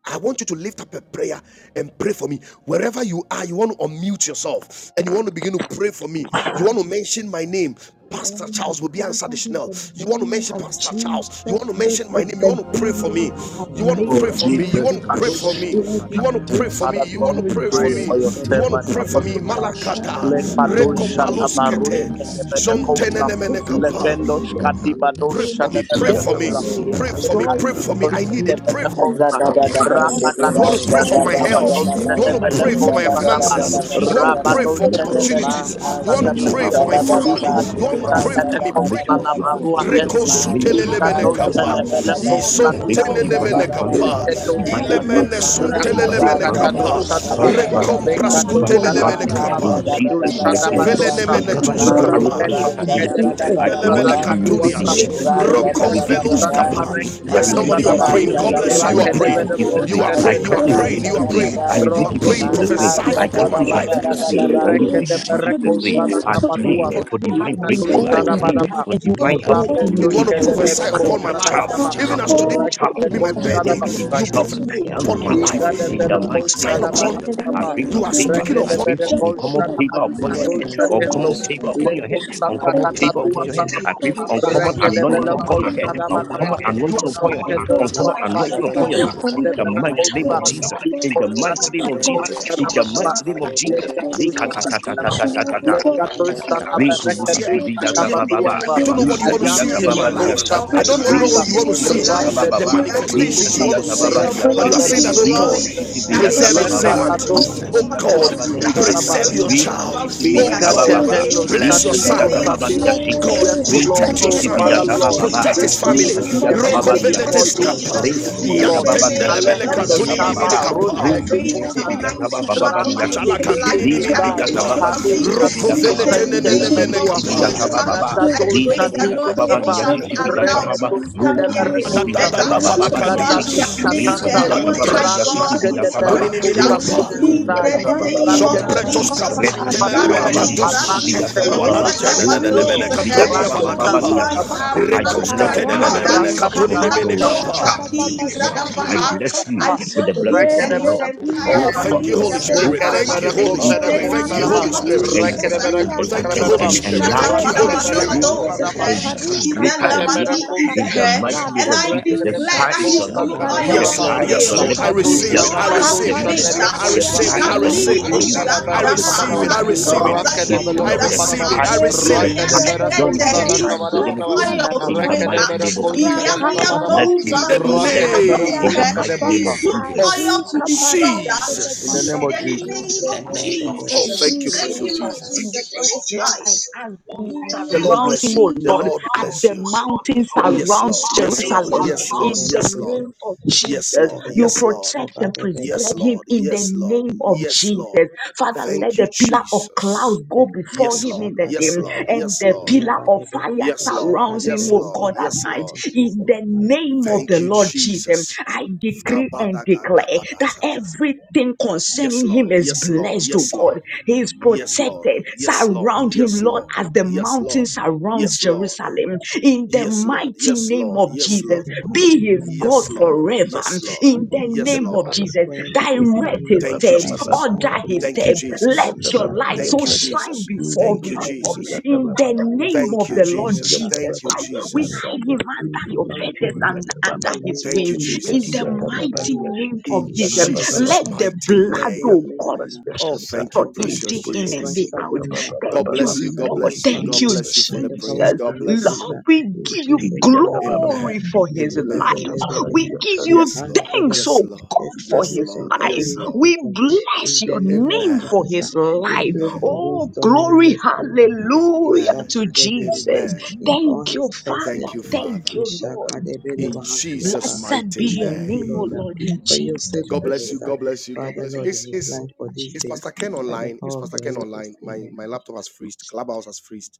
I want you to lift up a prayer and pray for me. Wherever you are, you want to unmute yourself and you want to begin to pray for me. You want to mention my name. Oh Pastor my Charles will be answered Father, in Chanel. the You want to name mention of Pastor Charles. You want Jesus, to this mention my is name. You the want to pray day, for me. Lord, you have You La want to made, Oh, pray and for we granta me. You will da want Jesus. to pray for Kadosh. me. We cosciata will da You be Shadabadaba. want granta, to pray glad. for me. Father, We e You want Lord, will to we pray for pray me. rejoice for your in parasati the You Kadabadadada want servant, to pray for granta gladness. me. Apostle da satadaba. Charles. cosciata Malakata. Father, Le in the grante, Kadosh. mighty e Yakadabadada Shadabarush. name of hasiyaka. Rekopaluskete. parasi Jesus, cota Kedebedekosa. da this is the granti day Zontenenemenekapa. Yakadabadadada Levendosh. cota Lord you have grante, hasiyaka. Pray Kadibadosh. made. for me. e I Pray for Therefore, me. we Shadabelekosa. will Kadabadada Pray tarascolta Le for da me. da Pray rejoice hasiyaka. for and me. be granta I Kadinosh. da need it. pati glad Pray. For in it. Kedebelekosa. coraste, Pray. e Father, te You thank commit Yakadabadadada want to Rakadadosh. you pray cosciata hasiyaka. for into the you my blood in grante, of the And now Shadikabadosh. health. Jesus. You name want pati of I to Zadabadabazidibazadabadabadabazidi, we pray for cota commit my you Shadabelekosa. Jesus Shekantadabadada into for the the Daba. blood of grastariete, finances. hasiyaka. life You Jesus. of want to zadabadabadabadabadaba. I pray one basta for Rabadosh. commit of your just Yeah. with life. our the opportunities. I You Shadabelekosa. answer want commit to your Mahazidi wonderful pray for and loved Dabalia. the for the my ones. child I sake family. Zadabadaba commit bus we of You your and want Ikadosh. the thank the Zidiba to family. pray you. for I me. liberty. Pray. servant commit Shadabelekosa. your God, your Zadabadabadaba your Father, I Labarua. it your, thank Yakadebedebe, just your God, Fendo. know you your God it in the the ministry that Lord Rekosutelelemene Mazidiba into the Ikadosh. bless commits them, blood kapa, mighty of for name of Jesus. preserve Zadabadabada you I Lebelekosa. and pray your Jesus for Zidiba for God. his divine Dia. isontenenemene us life. with Shut advancement, the kapa, Zadabadabadabada answers. Father, divine you If ilemene have advancement, I can watched see divine the Mazidiba suntelelemene over me face advancement, of kapa, for all divine time advancement, Zadabadabadabadabadaba since he divine was all that rekompraskutelemene advancement you born. kapa, in so Jesus' mighty name. From the Mahazadabadabadabadaba control isovelenemene very of Whatever first evil think day the arrows tuskapa, are till Mazidiba shot the against day you, of I In God, command Tendelebele Zadabadabadabada it to be you have rebuked in kadunias, not, Jesus' Zidiba you name. have I roko kept rebuke it velus in me Zadabadabada Jesus' kapa. name. covered I Yes, rebuke another somebody, it you year are in Mazidiba to praying. Jesus' the God name. bless end. you. I You are rebuke it praying. Zadabadabada in Father, Jesus' God, You we name. are give you I praying. You are cancel it in Mazidiba praise, praying. the You are Jesus' name. praise, praying. Zadabada I the You rebuke are praise, it in the praying. Jesus' name. Prophesy glory. I upon my cancel it in Father, Yes, life. Jesus' thank yes, name. you Mahazadabadabadabadaba I in the rebuke deva. it in My life mighty Jesus' name. Iya name of I kante pray Rakadabarakosadakabatua. upon. deva. Jesus. for You have divine been Iya Ikado breakthrough. kante God I in his deva. pray Thank life Sadabadaba. for and you Iya divine are God kante helpers to in your deva. You Rapendush want locate to life, you. Iya oh prophesy kante Kedeverko upon God. my Pastor Iya Charles, Father, Thank life, Sadabadaba, kante even as thank deva. today. Apostle you. It Charles, is be Iya Rakedeko my by let the kante there birthday. Shadaba, be up, deva. You divine Lord's prophesy helpers doing you Iya that you. God upon kante my and locate by life. you Ika your May de the in You the Lord deva. Verko grace. mighty name sign Iya of multiply kante upon. Father, you. Jesus. I thank May Shadabadabadaba, the pray you for You Lord are in the favor. speaking deva. name I increase upon. pray of you. for that Rekedeverko May Jesus our the for uncommon Lord your the favor family mighty upon Shadabadika your find Yeah, head. name kindness, of Dosha Blessings, the O Tenlo, Uncommon you. Jesus, loving is favor God. May kindness upon the your in Leko of head the Lord our work of supply uncommon Sakada life. the you Iya Thank you. favor you Datua upon your protect you. head. Father, Iya we Talaba, I pray for pray Life Thank that uncommon you that give anointing Iya ta Rekedebeleko upon your you. them head, iya bade The Shadabadaba, uncommon body behasiya ta are. of We anointing us. upon iya your bless head, I'm bade you Rakedosh this bebe, saying, uncommon month God, today anointing you ishade to in Kodobadika the upon have your head. Dosh behasiya ta Yabadebeha, Salabahasiata, Yabadebehasiata, Yabadebebe, Ishadebehasiata, ta In it name the of mighty Kedeverko for name me. Sa, of Jesus. Jesus, In in Iko the the name We mighty name just of say of Jesus, Yabadebebe, Jesus, in the I in the love name Shadabadaba, mighty of name you, of Jesus. Jesus. Jesus. I love you, Lekatushadabadaba. Ishakadebehasiata, Jesus. Lekatatatatatatata. Hail, I love you, Jesus. I love you, Ibadebebe, Rinto Jesus. I love Yeah, Bushiti Thank in you. Viyata yeah. Jesus, you. Jesus' we name, Baba, Lekatushadabarekatushkadabatuasa. I hail you, don't I'm know you, what you Linka want to Thank Diyata see not in my Baba Liya Ayantelekosa life. I Shanta, don't know venikosa. Rinto what you want to Bushiti see, Viyata Yabadebebe, the Baba, Jesus. I he will, love Linka you, manifestations you Rambelushkedikusa. want he to will Diyata Jesus. move I see. Baba Yabadaba. from Liya love But you, you glory are Be Shinti, saying that, to oh blessed, Rinto glory, be God, Bushiti Rekedeberekoshkedebereba. blessed, we that Viyata his preserve be your Baba, blessed children servant. in your walk in Linka Oh Jesus. ways, Diyata I love be God, Baba you, Jesus. Liya that blessed in his your Shanta, Lekatadoshadaba. preserve your going children out. Rinto will child. not Bushiti be Oh Viyata Ika God, Yabadebedebe, Baba, deveno afraid bless your in Linka shadi the son. Diyata Baba name kosade. Liya of Ishabadebedebe, Oh Shinti, Jesus Yes, God, Rinto Lord, in protect your oh the Bushiti Yabadebedebe, son. Father, name Viyata of Lord, Baba, Protect we his bring family. Jesus, Linka him in hail you, we Yabadebedebe, and the Diyata the hail Baba family Liya name you, of before Rokoveletes you Shinti, this kapa. Jesus, Rinka day, oh Yakadebedebedebe, in Diyata Lord. the Baba Liya O name Male Shiti God. of endo Viyata Shakadebedebe, Baba, shaba, Jesus. rosh And Hatadeba, we I Ruto give kadi pray you that Bushiti I'm kosadi, Viyata 91 Baba over Yelakadebede, Liya rasu his Shinti, teke life teku and Linka that of dai, his the Viyata Yakadebedebe, Baba thanks for Liya family your Shiti sadi in Viyata name, the Baba, Snayabadebe, the Root kosendele to one. name of melua, bushiti the biyata Jesus. Isadebenebe, uh, baba ika thanks for ba, your I love, dado for linka pray that shadi Yabadeba, no diyata baba evil kosava, shall be liyashiti biyata allowed reke baba, Siyabasiyata, the to toshke beauty come rutu near in debere his the bushiti da da name kosa, da biyata of better da baba Jesus baba ika Christ of because he dado liyashiti, has your name, made of balakadias rika shatanda, the and Shut the diyata Most Nazareth, thanks baba malantene High up, you randu have liyashiti God shke made. his biyata Ikadebana, baba, debere dunini refuge. mini uh, kosa rutu kapa vidi bushiti In Siyabadebedebe, kosai, biyata the baba We give baba name you the of Yabadebe, thanks jompretos for liyasanti, rakete your name, your Jesus, reka he kapantelele cut diyata Kabatua, mene Yabadebe, baba these up, kadus liyashiti Allah he biyata Ishakadebe, goes, baba Teleko the walantene name, nene devil Root to nene Zakadino, mene bushiti goes ahead. kaduni biyata ya baba Rando baba These Shai valakapa Thank you. ones Ishakadebedebe, liyashanta. are Kabado I rekos marked bless Shalaba, Yadadebe, by katene God. nene you, Sadabia, mene Aradika Rakata I kaduni ni mini Apostle Dabadaba, you. adia da kapa Charles. da Shakadat, This And baba channel. Ikadabadako I Ebra, shadia mom's bless like, kapa we're you Shalabadaba, going to Ami, have with to the sought him blessings finish of and the up his rebe Kopraset, the Lord. Rakadabadako di entire Lati, Go Oh, thank forth, family Shalabadaba, Monday. tabi you, in Lord. Holy the Ishakantadeba, ande de Go Abasabi, Spirit. blood. forth baba We're Thank you, going and to In Holy Lekadabadako o have to Yabedebe, finish increase. Spirit. Vedako up Thank Ilatat, you, the Go Shalaba, Holy name of forth the rakadi Spirit. Monday, and we're going Ilakata, Yakadebedebe, to Jesus. and, shadia have Rakadabadako to da and, Thank finish up Thank you, Lakrateta, and, you. Holy Shalabadaba, and And and Spirit. the Monday, we're Yakadebedebe, enlarge Koshala, Thank your you, coast. Holy Bratas, Rakadabadako Move Spirit. Rebariande forward de Zadabadaba, and Ishakadebedebe, going to have to Ilakoshala, become finish up paparika greater than the Grandiate, Monday, greater. Ikadabadako adiatata. In the Thank Sadabadaba, mighty name Lekatete, of I Jesus, Radadi de the declare sky that is Ekrates, shakia he's your too ishaka limit. debe oil The Yes, Lakranteta, to Rekedeberakousakadabaraba. Lord. sky kapariande is de Yes, fail. your Lord. Koshala, yaka I papa. limit. The debe He's receive too it. debe I sky oil Grandites, is your to the receive Rakapa it. ishaka faint. limit. ah. debe I The debe He receive shandiata sky it. Lekrasetas, da I is can Lekadoshadabadoshadelekozadia. the papa limit lead receive ishaka it. for his He's papa. you. Alatas, debe I receive Alatas, it. Ikadabarakabaraba. Apostle ilaba I name, debe receive house. it. Rakadiata da It's Ilakoshala, papa I no, papa. the receive Rakedebelokobaraba. it. sky I is receive Lakratish, the it. sky. Rekadiata Not papa even the sky papa is the too limit Ilakoshala, Rakedeberakozadakabaraba. for you. oil shadiata da to In the the break. papa. mighty up. name of He Jesus, debe am I debe Rekedeberakoshkadabarabaraba. bless those In you. Rakaparida are the I papa bless you. In name hadiata the mighty kapa. name He's of Rakedeberakoshkadebosa. too you. Jesus. of oil Adi you to be stopped at kapariande de In the Jesus. name papa. of in I the your In want Jesus. name, to name the of thank name yede de name you of of de Oh, in thank Jesus. you, you, Jesus. the Thank Jesus name precious you, of Lord Jesus. Jesus. Jesus, Christ. for Jesus. his Lord, I life. ask that you In the Thank The Lord you. name of surround bless him, you. oh The Lord, Jesus. Lord as de bless the you. mountain Yes, surrounds Lord. Yes, Thank Lord. you, Jerusalem. Lord Yes, ishaka Lord. In Jesus. debe Yes, the debe Lord. name of Yes, ishaka Jesus, Lord. debe you Yes, Lord. protect leba and debe Yes, preserve him Lord. in the Yes, Lord. name of Yes, Lord. Jesus. Father, let Thank the you, pillar of clouds Jesus. debe go before Yes, him Lord. in ishaka the day, Yes, debe Lord. debe and Yes, the Lord. pillar yaba of debe fire Yes, Lord. ishaka surrounds debe him, Yes, oh Lord. God, asiyata at Yes, night. Lord. in In Jesus the mighty name. name of Thank the you, amen Lord Jesus, Jesus. I decree and declare that Kabadagadabadata. everything Yes, concerning him Lord. is Yes, Lord. blessed, oh Yes, God. Lord. He is Yes, Lord. protected. Yes, Lord. Surround him, Yes, Lord, Lord. as the Yes, mountain Lord. surrounds Yes, Lord. Jerusalem. In the Yes, Lord. mighty Yes, name Lord. of Yes, Jesus, Lord. be his God Yes, Lord. forever. Yes, Lord. In Thank the you, Yes, name Jesus. of Lord. his Jesus, queen of Thank his direct coming his Thank you, steps, by the Jesus. power order of the his Thank you, steps. manifest. Let Jesus. He your light shepherd so Thank you, about the one, shine Jesus. they before Thank you, him. prove O to God. the Jesus. one, In the they name his Thank of you, the Lord countenance Jesus. up Jesus Thank you, Christ, before we them Jesus. upon the live ground. under your Lord, burdens for and us, in under the his name of Thank you, wings in Jesus the Jesus. Christ of mighty Nazareth, name In of in my Jesus. Jesus' Let deliverer, the mighty blood, let of your name. God, blessing uh, Oh, thank you, for shaka you deliverer, precious day in and Jesus. day overshadow out. him, uh, God Thank you, bless you. God overshadow Lord. his bless you. Thank God family you, bless you by for you, the the Jesus. prayers. power of the God Holy bless you. Lord, we in give Jesus. you Jesus' mighty name. uh, glory Amen. for his Amen. life. Yabadebedebe, We give you Yes, Lord. thanks, shekantadebe. Yes, oh Lord. God, for Yes, his Establish and Lord. order life. Yes, his Lord. We feet uh, bless in the your name of name Amen. for Jesus. uh. his We life. pray Amen. for Oh, wisdom and glory, understanding. uh, hallelujah Amen. to ishakadebedeba, Jesus. Amen. In all Thank you, his Father. Thank you, precepts, uh, Thank Father. you, Lord. In ishakadebedeba Jesus' hafiyata. Blessed mighty be we your thank you, name, name. oh Lord, uh, Lord, in for your Jesus' God precious. bless faithfulness, you. uh, name. God bless you. God Father, bless you. Lord, Thank in It's you, his it's Lord, life for in this it's day, Jesus' Pastor Ken by name. the online. It's power of Pastor the Ken Holy Ghost. online. My Amen. my laptop has freezed. Clubhouse has freezed.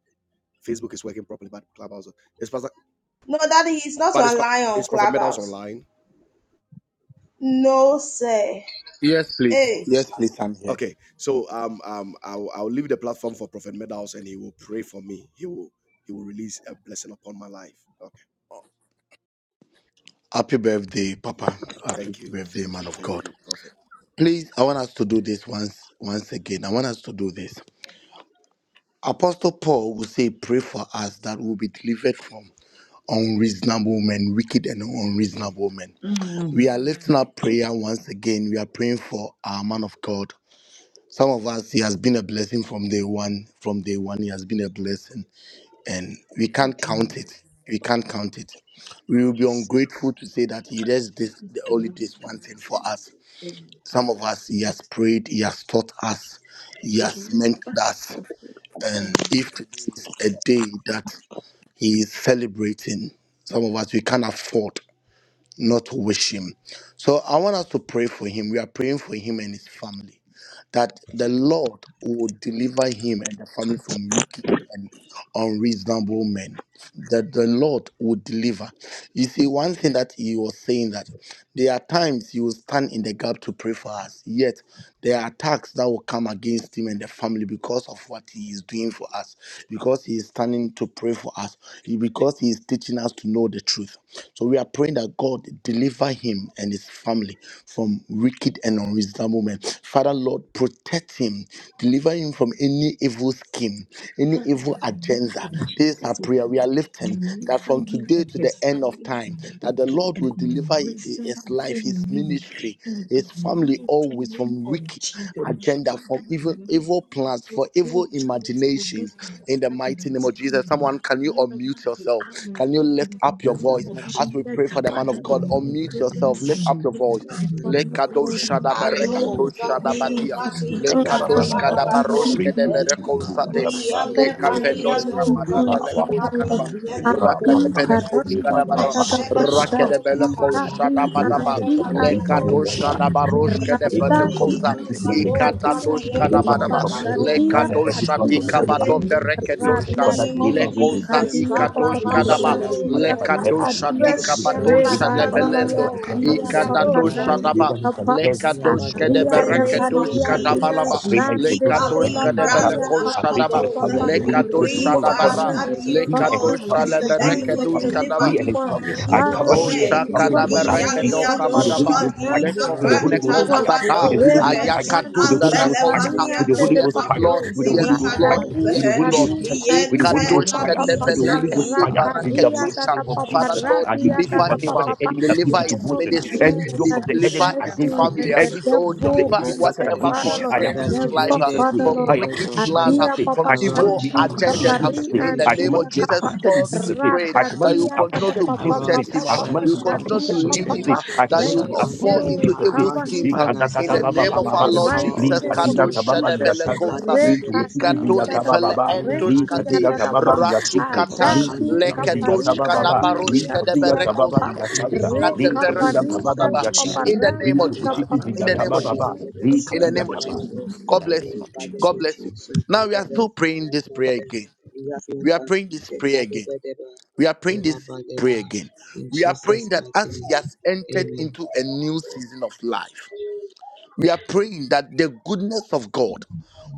Facebook is working properly, but Clubhouse it's Pastor, No, Daddy, he's not but it's Pa- online on it's Prophet Medals Clubhouse. online. No, sir. Yes, please. Hey, Yes, please, I'm here. Okay, so um um I'll I'll leave the platform for Prophet Medals and he will pray for me. He will he will release a blessing upon my life. Happy birthday, Okay, Papa. Amen. Happy Thank you, birthday, thank you, man of thank God. you, Prophet. Please, I want us to do this once once again. I want us to do this. Apostle Paul will say, Pray for us that we'll be delivered from unreasonable men, wicked and Mm, unreasonable men. Mm. We are lifting up prayer once again. We are praying for our man of God. Some of us, he has been a blessing from day one. From day one, he has been a mm, blessing, and we can't Ding, count mm. it. We can't count it. We will be ungrateful to say that he does this, the only ding, this one thing for us. Some of us, he has prayed, he has taught us, he has ding, mentored us. ding. And if today is a day that he is celebrating, some of us we can't afford not to wish him. So I want us to pray for him. We are praying for him and his family that the Lord will deliver him and the family from wicked and unreasonable men. That the Lord will deliver. You see, one thing that he was saying that there are times he will stand in the gap to pray for us, yet there are attacks that will come against him and the family because of what he is doing for us, because he is standing to pray for us, because he is teaching us to know the truth. So we are praying that that God, deliver him and his family from wicked and unreasonable men. Father, Lord, protect him, deliver him from any evil scheme, any Father, evil in Jesus' agenda. name, of This is our Jesus, we prayer. We are lifting that deliver from him today and to the his end of family time, from that the wicked Lord and will deliver hi- his unreasonable life, his men ministry, in the his family mighty always name from of wicked Jesus. agenda, Father, from evil deliver evil plans, for Apostle evil Charles Bobby imaginations and in the son and mighty name his of Jesus. family. Someone, can you Wherever unmute they yourself? are, Can you Lord, in lift the up your name voice Thank of as we Jesus, pray for the man Father, of God? deliver Unmute them yourself, lift from up the your voice. wicked and Lekado unreasonable I men, Oh, shadabarekedo O do. God, Daddy, in Lord, shadabadia. the the daddy, da, mighty thoughts Lekado da, of name ba, da, of ba, Jesus my do. divine shkadabaroshkedeberekozade. Ria thoughts Lord of reward levalia the Jesus, for wicked doza me deliver one, lika and Father our Lord. dize Lekaveloshkabadabelekoshkadaba. deliver unreasonable Adi Papa, men, Rakadevede levadoza. my deliver karandi divine Koshkadabadabam, Papa, adada Reshe affecting also keep houses, levadoza Rakadevele pashadi ha deliver. holding kadi Deliver answer dize Koshadabadaba, him andi from from levadia adi unreasonable un- doza. men of apapa Jesus. from Lekadoshadabaroshke wicked de Izu and Deliver him lili radadi from Venekosa, izu wicked adi unreasonable men of kadi Jesus. kadoza diye andi Deliver in him the papa Ikadadoshkadabadaba, from every mighty shadi levadoza. attack of name of every Lekadosha plot of the Jesus. In enemy the in Leka Jesus' Dikabadovereke name. posa Doshka, Father, name taba of Radadi deliver baba him la in Lekoza you. Jesus, Jesus' posa kadia name. Father, papa tete Deliver Valley, daba. him by telebelebe. pashandia fire, Adonai, by Imasiyatadeba, tender Leka in Lekadosha kaadia Jesus' sata Fresh, name. baba la Deliver dikabadosha him by posa fire, Ishakadebedebe, rebaria lebelendo by tete tender dia in telebelebe. Jesus' name. ikadadosha Shalabalabadoza, paparandi Leka daba Deliver Imkantadeba, him from kapa every sata baba la lekadoshka snare de of in adia the the Yabadebedebe, posa da enemy name in of karia berekedoshka Jesus' telebelebe. name. dia Ishadadeba, Jesus, I dabalaba pray that you Leka shande continue to de sata de strengthen lekadoshka Ikali Yabadebe, de him, baba Father. la paparia posa Siyata, I belekosha kapa pray daba for the tete Brantarabadoza, fire papa of the we Holy Ikadadeba, Spirit to pray, lekadosha telebelebe. Leka sata baba la posa tete telebelebe. fall Deliver upon him dabara and him Leka Father, his dear Ikadebedebe, he and his God, family lekadosha family, from the he that sata and hands baba you his will of the family, leberekedoshka Ishakadebedeba, deliver daba he wicked and him his one. from family. I la Father cover posa unreasonable Oh Lord, he tete and his men. Ishakadebedebe, family telebelebe. deliver with Shakada the Leka him blood of and his sata Jesus, Berekedo family with the Shasiyatadeba, from Holy Iyaliadoza, Kabadaba the Ghost fire, hands Dika of with the the Holy Ghost wicked Lekofeneko Ikantadeba, Shut baba one. fire, la with Zada the Holy Brantarabadoza, posa Reba Ghost fire, as tete with Ayakadu the Shandi Holy the Ghost Jesus. fire, Kapari telebelebe. Verekosa. with and the Thank Holy the Ghost Yes, Levaliadoza, Baha fire, Lord, with the Holy yes, Ghost Thank fire, Lord, Brozidikadoza, with Radadi the yes, Holy Lord. Ghost Kadi fire, with Shadi the Holy Ghost Adapa Ikadushka fire, Papa with the Holy Iyetekadizali. Ghost debeleketi fire, in the Rakadi mighty barakedusha. Adapa name of Papa Father Jesus. Lord, I Radi rebuke deliver him, Adapa whatever uh, the Papa. enemy has put deliver Let into it his not be motion, ministry, said any yoke that of the he deliver enemy served his against you him, and family, uh, the every oh, seed of the devil deliver enemy planted entered. whatever against him. Father Lord, I concerns Father uproot his it Lord, in let life uh, Jesus' never, there name. Father be I from Lord, a hedge approve wicked of it in fire plans, uh, Jesus' Adia name. from Papa I command around it to evil be Shandi him, uprooted in around agendas. uh, Jesus' Kapari his name. In the and I ministry, name command of it Andia to be Lord Jesus, Kapa uprooted in God, we Jesus' name. pray I Rada command that it to you be Dia continue Tata uprooted to in Papa Jesus' around name. protect his Papa him, I ah. wife, Papa command it you to be around continue his to uprooted Shadia in lead Jesus' children, him, uh, name. Papa ah. I his that Let command it you to your be not fall uprooted in shakantadeba, into shield Jesus' name. evil around cover you. his schemes. Li him ah. and kada his da finances, in He the uh, ba ba family name ba of ba in by our ba. the the Lord also power mighty of Li Jesus, the did ka name di of Holy shots Ghost. ka uh, ba Kadosha that ba de li are ya Jesus. Thank shaka. you. much Li tu bu sekadebedebe si um Rekadi sakadeba, Tata ba ba but ba. Papa that would Li ka touch Rendia Entoshkate, ka iyakadebedeba Tata ba ba Pa um li ya halaba, that shiki. was Li Rasukatan, shot tu bu Adadi Thank si on you, the Kapari Jesus. ba Lekadoshka ba attacks da ba. Adi not Li the ka or Shadia ka Hallelujah. up ba ba Tapa li that ya By did the shaka. power the of Li ka the attacks Holy you. I ka Rekapari ba Ghost, uh, ba li loved Tata ya it that Papa shiki. In the Hallelujah. name Li Randi of that tu bu shekadebedebe, si drug Jesus, Kapapa got in that the in name ba of push ba the ba. Jesus, sekadebedebe, that mighty Li ka cut in name the of name ka of ba. Jesus. sakadeba, Jesus. God and make bless you. what choose God yalabadebe, bless you. Now we are sakadebe, still praying this prayer yakadebe, again. We are praying this prayer again. We are praying this prayer again. in We are Jesus' praying that mighty as he has entered name. into a new season of life, we are praying that the goodness of God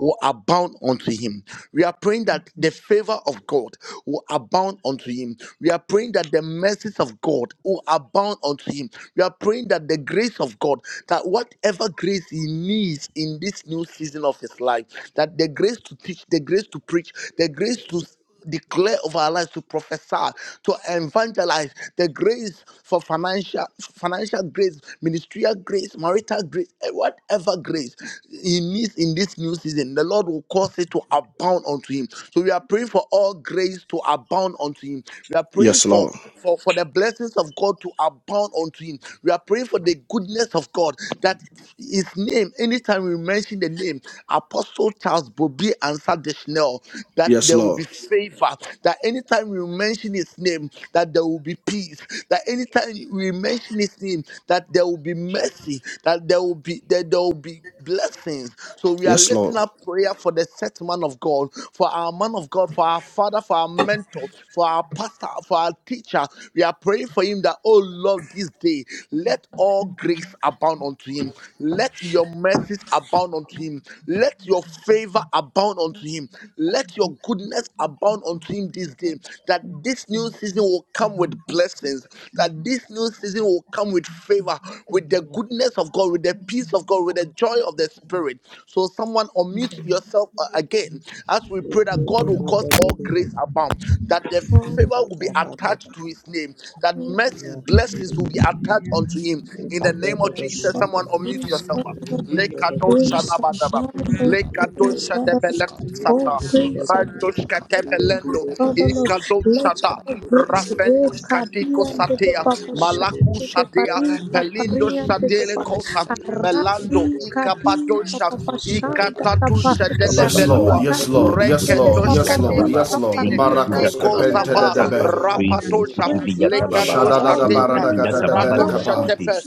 will abound unto him. We are praying that the favor of God will abound unto him. We are praying that the mercies of God will abound unto him. We are praying that the grace of God, that whatever grace he needs in this new season of his life, that the grace to teach, the grace to preach, the grace to declare over our lives to prophesy to evangelize the grace for financial financial grace ministerial grace marital grace eh, whatever grace he needs in this new season the lord will cause it to abound unto him so we are praying for all grace to abound unto him we are praying Yes, for Lord. for, for the blessings of god to abound unto him we are praying for the goodness of god that his name anytime we mention the name Apostle Charles Bobby answered the Schnell, that Yes, there will Lord. be favor, that anytime we mention his name, that there will be peace, that anytime we mention his name, that there will be mercy, that there will be that there will be blessings. So we are Yes, Lord. lifting up prayer for the set man of God, for our man of God, for our father, for our mentor, for our pastor, for our teacher. We are praying for him that, oh Lord, this day, Thank you. let all grace abound unto him. Let your mercies abound unto him. Let your favor abound unto him. Let your goodness abound unto him this day. That this new season will come with blessings. That this new season will come with favor, with with the goodness of God, with the peace of God, with the joy of the Spirit. So, someone unmute yourself uh, again as we pray that God will cause all grace abound, that the f- favor will be attached to His name, that mercies, blessings will be attached unto Him. In the name of Jesus, someone unmute yourself. All Lekado Hallelujah. that grace cost shadabadaba. that cut Around that abounding run Lekadosha Father, debele scott the all kusata. attacks grace not of the Randoshka cut that debelendo. Father Lord, the Ikadosha let da. all grace that's Thank you. great not the Rafendoshka diko Kadian contact de that de satea. run that that Papasha Malaku cost de sadea. Pari Pelindo Paparian de de shadele Pa kosa. the attacks Arati Melando Kadi ikabadosha. Thank Amen. Papashanda Tapa Ikatatusha Baba, dele Yes, Ari Lord. belua. Yes, Kadi Thank Lord. and Yes, the de de Lord. Yes, Kendoshka Papari Lord. Likadushitiviyadababa, Yes, Lord. Dixkofine, Papari Marakos Andia kepente de Ikozava, Tapa Likadiyatababaliyasanta, debe. All Rapatosha, grace Father Lord, Likadushitiviyadabababa, Shadada Lekadosha da all Teka, baradaga da grace debele Ratosha kapa. Likadiyatababaliyashinti, abundance, Tepe,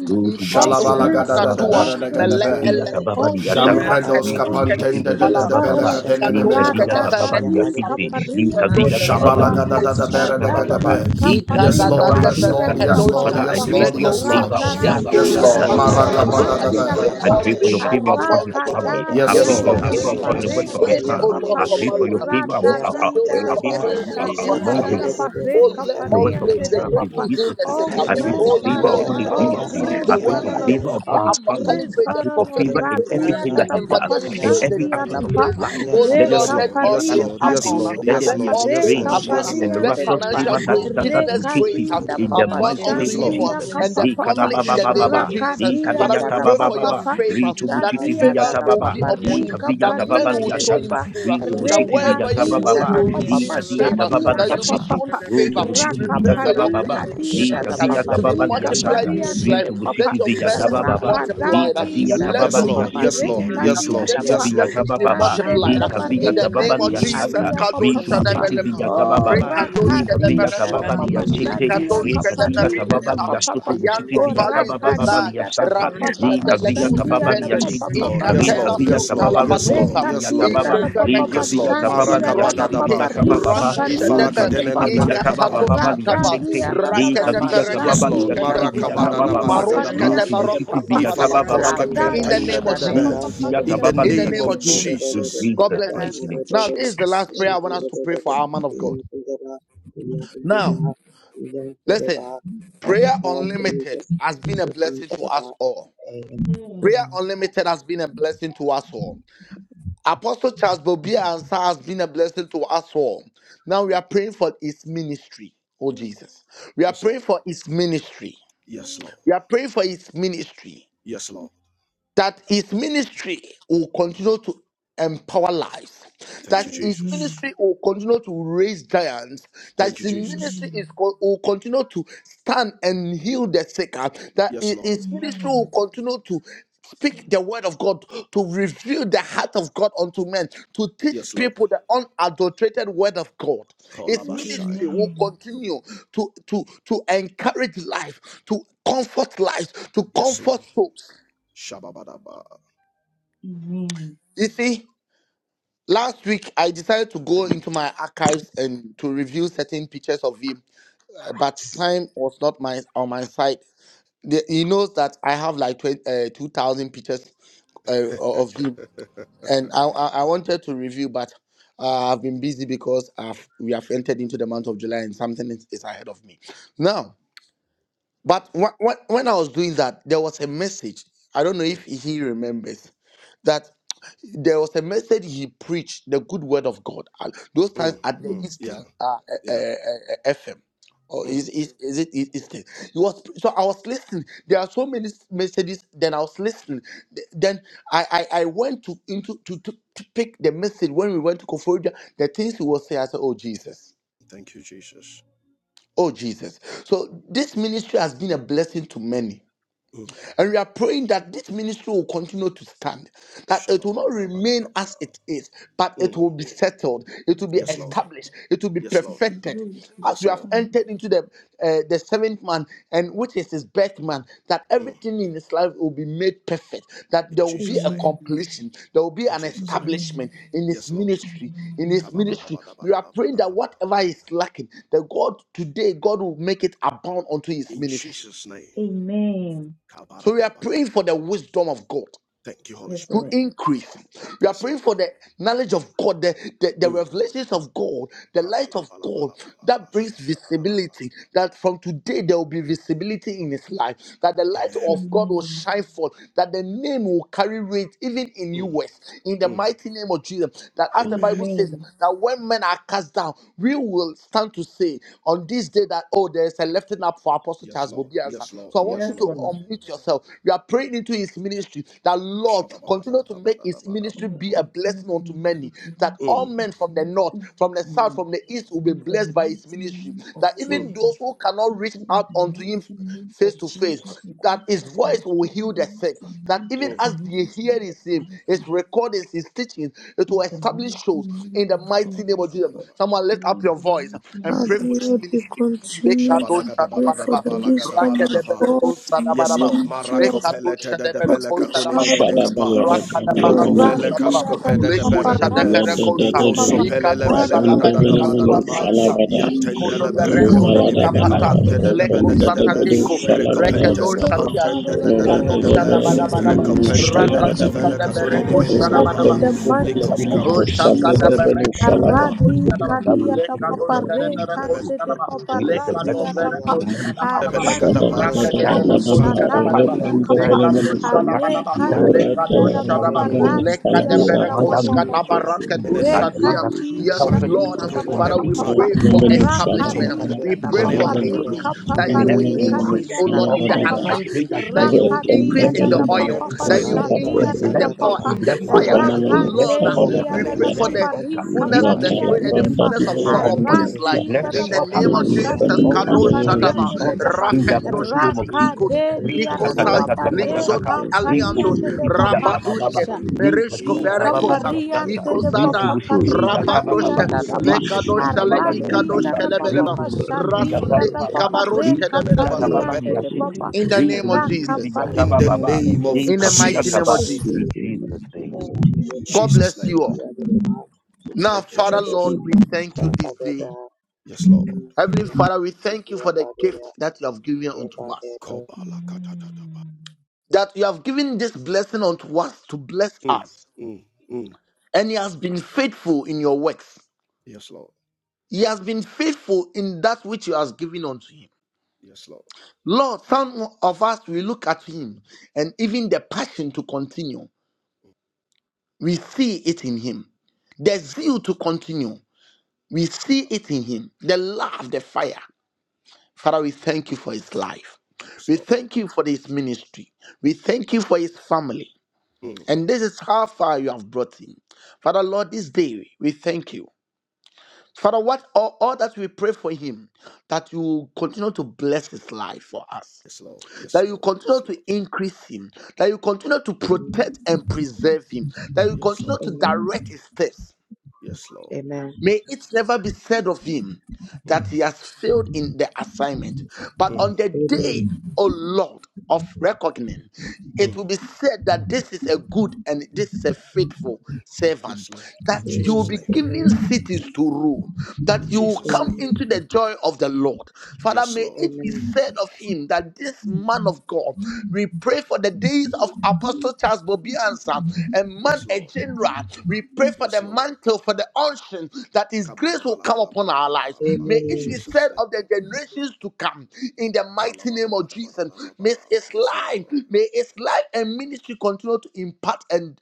all Shalabalaga Ikadoshka da grace da Likadushitiviyadabababa, Tatua, debere de abundance Mele gadebe. Oh, Elentos, Ram, great Likadiyatababaliyasanta, Shampredos Raketoshka abundance kapantende de we de Divala, debele Likadushitiviyadabababa, follow. katenene mene Ikadoshka kapa. Radadadi Deberekosa, Likadiyatababaliyashinti, kapari ande de Ikadoshka papa. Shabalaga da da Deberekosa, debere de Likadiyatababalobushitiviyadabababa, Shadadi gadebe. Ikada Yes, kapari da Lord. adi Yes, Lord. Likadiyatababaliyasanta. atata Yes, Lord. Father, Ikadadadeverekedoshka, papa. I pa. Yes, pray Lord. for your Yes, lekosa. Lord. favor Yes, upon oh Yes, uh, Radadadi Yes, Lord, Lord. uh, as dada Lord. papa we Apostle Marakaba pray da that Discipline. shandi you debe. make I atapa. all pray Marakabadadabaya. for your grace to favor upon his abound Araka unto you. family. I Yes, Grace pray Yes, dadi for for Lord. your dada favor Lord. you. papa ministry, upon the works of his rende grace, te hands. oh Lord, I Yakadebe papa. for pray debe, for marriage, your favor am- grace for a- Radadi building, a- dada a- for Yakadebedebe, papa Yakantedeba, establishing, for shadi among his atata settling. pa Isakadebedebe, re Oh, let the all kapari works of grace, his ande the de hands, grace his Sadebedeba, papa. to heal the businesses. sick, Oh, I Yakadebe, pray for grace, oh favor Father Lord, upon Lord. his Oh Yantedeba, to ministry. teach grace, the I pray word, for Father Lord. favor Yakadeba, the upon Oh his family. apostolic grace, grace, I the pray Father for Lord. prophetic favor in grace, Radia Run, everything da the Yantedeba, that da he does, papa evangelist in grace, the shandi every da aspect teaching Yakandebadeba, of his grace. life. Oh Re Let Yakandeba, there Yes, Lord, be let Lord. favor all Yes, kapari that grace Lord. locates Yes, him. adi abound. Isakantedeba, Lord. Let there Yes, Adapa Let be pa. a Lord. all Re Yes, grace strange Lord. Yes, abound. kapari Yakadebedebe, and Let ante de miraculous pa. financial favor Yakadebe, that grace, debe. that, Re that business locates kadi grace him yakadebe, da in the papa abound mighty unto name of shandi him Lord. yakadebe Jesus. debe, ka and pa the Li pa pa. family in the name Shut of kadababababa, Yekadebelele, Jesus. li Rakadia Father, da we da pray pa for pa your yasiyatselebo, kadeyatabababa, favor, ri that tubushiti Shadia yasakadela, da favor will viyatababa, be papa. Re upon li yadele, him, that kapari men kaviyatababa will ante show de yadebele, him liyashanta, pa. favor, ri Re that tubushiti yasiyatse, wherever kadi you go, da you viyatabababa, will Papa yekadebelele, li receive papa favor, shadia kadiyatababa that ka you'll be yekadebelele, papa shown pa Roto favor. Busiti We raka pray Via yakadebelele, yadebelele, for taba your pari peace Baba, to adida increase, Lika da uh, Via papa to be Gababa Lia rika multiplied Santa, pari in his ante yekadebelele, life. de Rito papa Let Busiti your Via taba message be Baba, raka yekadebelele, multiplied. Lika uh, dadi Dia da da Let Gababa Yes, your papa Lia Lord. goodness Yes, Lord. Yes, pare Sinti, Lord. yekadebelele, increase. uh, Rito kadia Let da Busiti your pa Yes, Via Lord. blessings taba yadedeba, be Baba, shande Thank de multiplied. de uh, Shaka, Lika Via In pari the name Gababa you. of kadi Lia Jesus, Santa, adia papa Kadosh Rito Ram papa Busiti Shadabeleba, Via taba o Baba, Rekadosh raka Rika Via di da da Gababa Kedeberekosa, Lia papa Sinti, shadia Ikadosh ka Rika Dia pari da da Gababa Kedeberindosa, Lia papa pa Soto Busiti Ayando o Via Valley taba raka Baba Kozai, Lia da da Santa, papa Rakusha papa Lika Via Delekusa Gababa shadia da Lia Vendo, papa Sinti, papa Yes, Rika Ikatena Lord. Yes, Lord. Yes, Lord. Via Yes, Lord. Yes, Lord. Gababa Rubusiti Sutalabadusa, Via Yes, Lord. Recadita Gababa, da papa Lika Yes, Via Lord. Ikovereketushka, Gababa Lia pashandiata da da Siti Rasute papa Via Marakabadadaba. Gaba Rika Baba, Rakusha Roto pariante Debe de busiti papa vigata baba Ikatato Ifalakadenenemenekapa. baba Shataba ligasente radadiata da da le papa kavigata Yes, baba Lord. shadita ligasiti da papa Rakedevereketushketekusa vigata baba Rika baba Maroshka Marakabadadabadagadaba. roto pariante de Debaroko busiti papa vigata baba Savadabasua. baba Ifalakoske Kandireba, In the ligasanta name radadita of da le pentendedebe. Jesus. papa Ishakan pa- in kavigata Chadama, In the the baba In the name mighty name of of name Ishakan ligasiti of Jesus. in Debedebe, Jesus. God Jesus. in Jesus the bless mighty you. Shakan name of name. Now, this Debedebe, is the Jesus. last prayer I Thank Ishakan want you, us to pray for Debedebe, our Jesus. man of God. Yakadeba, Now, Yakadeba, Yakadeba, listen, by the prayer power of the unlimited Lucas, has been a Ishakan blessing to Chadaba, us all. and Prayer unlimited has been a blessing to us all. Apostle Charles Bobia Ansa has been a blessing to us all. Now we are praying for his ministry. Oh Jesus. We are Yes, praying Lord. for his ministry. Yes, Lord. We are praying for his ministry Yes, Lord. that his ministry will continue to empower lives, Thank you, that his Amen. Jesus. ministry will continue to raise giants, that Thank you, his Jesus. ministry Amen. is co- will continue to stand and heal the sick, uh, that Yes, hi- Lord. his ministry will Amen. continue to speak the word of God, to reveal the heart of God unto men, to teach Yes, Lord. people the unadulterated word of God. His Kolabashaya. ministry will Amen. continue to, to, to encourage life, to comfort life, to Yes, Lord. comfort souls. Shababadaba. Amen. Amen. You see? Last week, I decided to go into my archives and to review certain pictures of him, uh, but time was not my on my side. The- he knows that I have like 20, uh, 2,000 pictures uh, of him, and I, I, I wanted to review, but uh, I've been busy because I've, we have entered into the month of July and something is, is ahead of me. Now, but wh- wh- when I was doing that, there was a message. I don't know Mm, if he remembers that there was a message he preached the good word of God. Uh, Those times mm, at the mm. Amen. Eastern Yeah, uh, uh, uh, yeah. uh, FM. Or Mm. is, is is it is Eastern? He was so I was listening. There are so many s- messages. Then I was listening. Th- Then I I, I went to into to, to to pick the message when we went to Koforidua. The things he was saying, I said, "Oh Jesus, Thank you, Jesus. oh Jesus." So this ministry has been a blessing to many. Mm. And we are praying that this ministry will continue to stand, that it will not remain Shabababadabadaba. as it is, but it Mm. will be settled, it will It be will Yes, grow, Lord. established, it will be Yes, it Lord. perfected. will As Yes, we have Lord. expand. entered into the uh, the seventh man, and which is his birth man, that Mm. everything in his life will be made perfect, that In there will be Jesus' a name. Amen. completion, there will be In an Jesus' name. Amen. establishment in his Yes, Lord. ministry. In Amen. his ministry, we are praying that Kabababadabadabadaba. whatever is lacking, that God today, God will make it abound unto his In ministry. Jesus' name. Amen. So we are praying for Kabaradabalakaba. the wisdom of God Thank you, Holy Yes, to Spirit. Lord. increase. We are Yes, praying Lord. for the knowledge of God, the, the, the Mm. revelations of God, the light of God Kabalabalabalabala. that brings Bashadadadadaba. visibility. That from today there will be visibility in his life. That the light Amen. of God will Amen. shine forth. That the name will carry weight even in Mm. US. In the Mm. mighty name of Jesus. That as the Amen. Bible says, Amen. that when men are cast down, we will stand to say on this day that oh, there is a lifting up for Apostle Yes, Charles Lord. Bobiansa Yes, now. Lord. So I want Yes, you Yes, to Lord. Lord. unmute yourself. You are praying into his ministry that Lord continue to make his Shabba-ba-ba-da-da-ba-da-da-ba-da-ba. ministry Lord, be a continue blessing to unto make many. his That ministry all Mm, of men from the blessing north, from the south, in from the east will be the blessed by his mighty ministry. name of That mm, even Jesus. those who cannot reach Father, in out the unto him mighty name of face to face, Jesus, we come that his voice will heal the continue sick. to That make even mm. his as they ministry hear a his name, his blessing. recordings, his teachings, it will In the establish mighty shows name in the of mighty name Jesus, of we Jesus. pray. Kabba-ba-ba-da-ba-da-ba. Someone lift up In your the voice mighty and name pray Father of for his Lord, Jesus, we we ministry. pray. continue to pray Make for his the ministry wisdom a of God Rakedebereko in the Yes, Sadabaraba. Lord. blessing. ministry In of Mekatu Marakopelete de de Shadebereko Apostle belekatunini Sadabaraba. the Charles' menekapa. Ram, Shadabalada, word. you. We name of Rakadabarako vrendebedus, Rokovele cover Jesus. Sadaba. Radia our da da kaskopede hearts, de Leko and papa we Debedebe beredebe. give racadia Shadeferekosa. da you the we lededededede, papa. Ikosopele Ikato Father pray. Lord, Sunday, wisdom. rabandebedebedu, Shadabalikatua lebelegadadadabadadaba. Saita. shalabada, Yantende Kavigata Ikoto Thank baba Berendo lebelekatunini Wisdom, ligasanta zuvaladabada, as Father, Ikapata. we Lord. menekapante said de de in the Leko spirit, Wisdom, bedegadebe. rependedebedu, Satadeko. Father, Lord. put it in Recopentes Rekedo shalabadabada, Wisdom, our Shadia. mouth Father, capantende de Lord, together. de de Father, Ikato de de Lord. Lord be. That Jesus, his let me Shadabadabadaba. be rededebedebedu, seen ministry in Recopente the de de land of de the shalabadaba, continue Rakatika speak in to the world velekatunini of lift up Jesus. name. in menekapa. Debereko the mighty Let my name Likoskapa retendebelebiliko, of ministry to the Oshakada world Jesus. of savrendebedu, Jesus. berekede name. shalaba. berekosh Aradi Open kadaba. up that you. kadiata ministry to the Lekadosh papa world of kede re de Jesus. be de be name. berekosh kande de I kadaba. papa pray for the blessing Lekado Thank and radiata the pa Hasiata, berekosh humanity kadaba de daba. Shada Yakan adadi da da bedekadapa. da data da Debedebe, Rakede dying, papa da belekosh Expansion Shadadadadadadadaba, kadaba back daba. shadadi repanda akapa dying, Lekadosh felemenusa, back kadaba are daba. anointing Thank dying kadi in the data Lekadosh mighty retelevende kadaba. name of papa Jesus. Lekade I diata venushalabada, da Ishaka command pa that berekosh pa Debedebe, ministry. kadaba In the rakedush name I of we command shadia. that will you Yes, help Rekadisha us Lord. to, pa to grace Shakadebe, on every Father, pa we compete, side. papa pray to for compete, be to Jesus, establishment. venemenushalabada, compete, Yakadebe, rakadinda We to da pray on every, for papa compete, Rakabara to, Shakadebe, to, increase. rika to pa to That pa you bless will this Yakadebe, rika project increase, and oh his diata Lord, da in office. the venemenushalabada, I papa pray anointing. that That you will these retende increase rakadia men in da and the da women pa on to every oil pa pa that side, compete, you Yakadeva in, to shadia increase felemenusalabada, you. da in bless, da the power, Siyatadeva to papa in the bless our Amen. fire. on every altar, Oh to Yakadebedebe bless Lord, his uh, rakande altar, venemenushalabada, we diata name to pray da of bless for pa. Jesus, Yakantadeva his the pa altar. rika fullness These of the men and spirit pariande these and Yakadebedebe the de ratalabranda pa women fullness of to power Rest upon compete, his Yapadebedebe to divelemenusa. life. aradi bless da his that da In the altar, name papa of to bless Ishakantadeva Jesus, his shadi altar, Kadosh to bless Yakadeva his Shadaba, kapariande de Siyata de altar pa in the Yakadeva Rafendosh mighty name of Kadi Jesus. Hasmita Ikos, rakade diata Yakadebedebe da Mikosa, papa Li- Yakadeva Rikatatatatatatatata. Zodi Hasmita reka Aliandos, pariande de de Yakadebedebe papa Rikubusitidiyakabababa. Rabadushke, you. Yakadeva Mereshko Dika Yapadeva Verekosa, parian Rikadiyakababaliyasanta. de de Sekantadeva papa Ikosada, Ishakadeva parika dia Rikubusitidiyakabababa. Rabadoshe, Thank da you da Lord power. ba Jesus Thank Lekadoshale, you Lord aradi Jesus Ikadosh da Rikadiyakababaliyasanta. da ba ba Kelebeleba, ba Yakadeva shadi da Rasune da ba Rikubusitidiyakabababa. ba Ikabarosh reka Let that Kelebelebasa. the parian happen. de cover of de Rikadiyakababaliyasiti. papa In the the name Yakadeva of new raka model Jesus. pa in in the the of Rikubusitidiyakabababa. mighty name of name Yakadeva In the of mighty name Rikadiyakaba. of Jesus. Jesus, Yakadeva Jesus. In in the Jesus' Amen. Amen. Amen. Amen. Amen. Amen. Amen. Amen. Amen. Amen. Amen. Amen. Amen. mighty name. name Thank of you, in God bless Jesus' Jesus. Jesus. name. you all. Now, Thank you, Father Amen. Lord, Jesus. we Amen. thank you this day. Yes, Lord. Heavenly Father, we thank you for the gift that you have given unto us. Kobala katatataba. That you have given this blessing unto us to bless Mm, us. mm, mm. And he has been faithful in your works. Yes, Lord. He has been faithful in that which you have given unto him. Yes, Lord. Lord, some of us we look at him and even the passion to continue. Mm, We see it in him. The Yes, Lord. zeal to continue. We see Baba. it in him. The love, the fire. Father, we thank you for his life. Yes, We Lord. thank you for his ministry. We thank you for his family. Mm. And this is how far you have brought him. Father, Lord, this day we thank you. Father, what all, all that we pray for him, that you continue to bless his life for us, Yes, Lord. Yes, that you Lord. continue Yes, to Lord. increase him, that you continue to protect and preserve him, that you Yes, continue Lord. to direct his steps, Yes, Lord. May it never be said of him that Mm, he has failed in the assignment. But on mm, the day, O Lord, of reckoning, it mm. will be said that this is a good and this is a faithful Yes, servant, Lord. In that you will Jesus' be name. given cities to rule, that In you will Jesus' come name. into the joy of the Lord. Father, Yes, may Lord. it be said of him that this man of God, we pray for the days of Apostle Charles Bobiansa, a man, Yes, a Lord. general. We pray for Yes, the Lord. mantle, for the unction portion that His grace will come upon our lives. Kabalabalabalabalabalaba. May In it be Jesus' said name. of the generations to come in the mighty name of Jesus. May Kalabababadabadadadaba. His Yes, life, Lord. may His life and ministry continue to impact and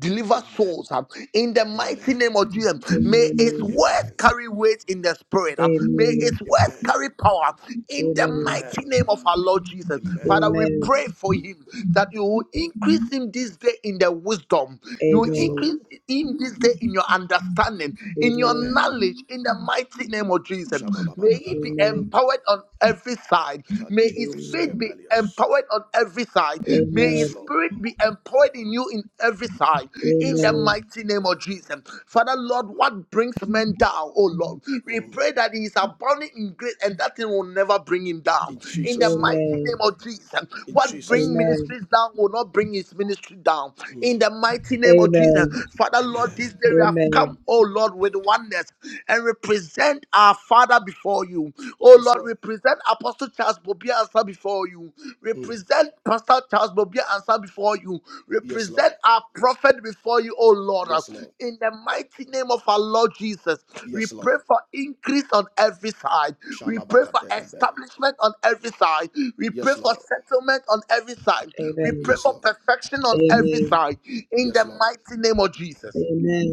deliver Amen. souls um, in the mighty Amen. name of Jesus. May His words Amen. carry weight in the spirit. um, may His words Amen. carry power in the mighty Amen. name of our Lord Jesus. Amen. Father, we pray for Him that you will increase Him this day in the wisdom. You will Yes, increase Lord. Him this day in your understanding understanding, in your Amen. knowledge, in the mighty name of Jesus. May he be Shabababadadadaba. empowered on every side. May his Katinos faith be kepelius. empowered on every side. May Yes, his Amen. Lord. spirit be empowered in you in every side. Amen. In Yes, the Lord. Amen. mighty name of Jesus. Father, Lord, Kabadadaba. what brings men down, oh Lord? We Mm. pray that he is abounding in grace and that thing will never bring him down. In Amen. In the Jesus' name. mighty name Amen. of Jesus. In What Jesus' bring name. Amen. ministries down will not bring his ministry down. In Mm. the mighty name of Jesus. Amen. Father, Lord, Amen. this day today we have come, Amen. oh Lord, with oneness and represent our Father before you. Oh Yes, Lord, we Lord. present Apostle Charles Bobia answer before you. Mm. Represent Pastor Charles Bobia answer before you. Yes, Lord. Represent our prophet before you, oh Lord. Yes, Lord. In the mighty name of our Lord Jesus, we Yes, pray Lord. for increase on every side. We pray for Shalabakadedebe. establishment on every side. We pray Yes, for Lord. settlement on every side. We Amen. pray Yes, for Lord. perfection on every Amen. side. In Yes, the Lord. mighty name of Jesus. Amen.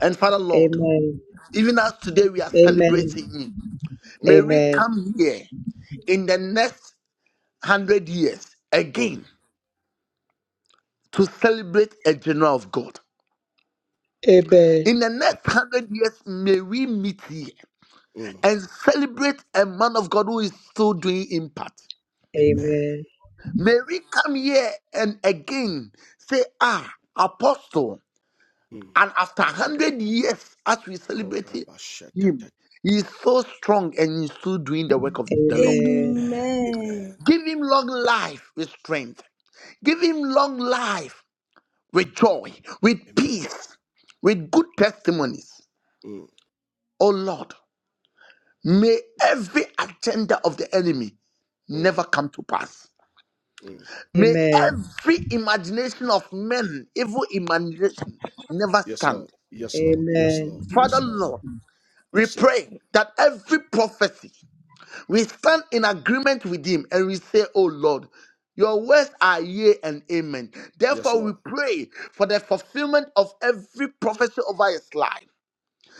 And Father Lord, Amen. even as today we are Amen. celebrating you, may Mm, we Amen. come here in the next hundred years mm, again to celebrate a general of God. Amen. Amen. In the next hundred years, may we meet here mm. and celebrate a man of God who is still doing impact. Amen. Amen. May we come here and again say, Ah, Apostle, Mm. and after hundred years, as we celebrate him, Korabashatata. he is so strong and he's still doing the work of the Lord. Amen. Amen. Amen. Amen. Give him long life with strength. Give him long life with joy, with Amen. peace, with good testimonies. Mm, Oh Lord, may every agenda of the enemy mm, never come to pass. mm. May every imagination of men, evil imagination, never Yes, Lord. stand. Amen. Amen. Yes, Lord. Yes, Lord. Yes, Father Lord. Lord, Amen. we Yes, Lord. pray that every prophecy We stand in agreement with him and we say, Oh Lord, your words are yea and amen. Yes, Therefore, we Lord. pray for the fulfillment of every prophecy over his life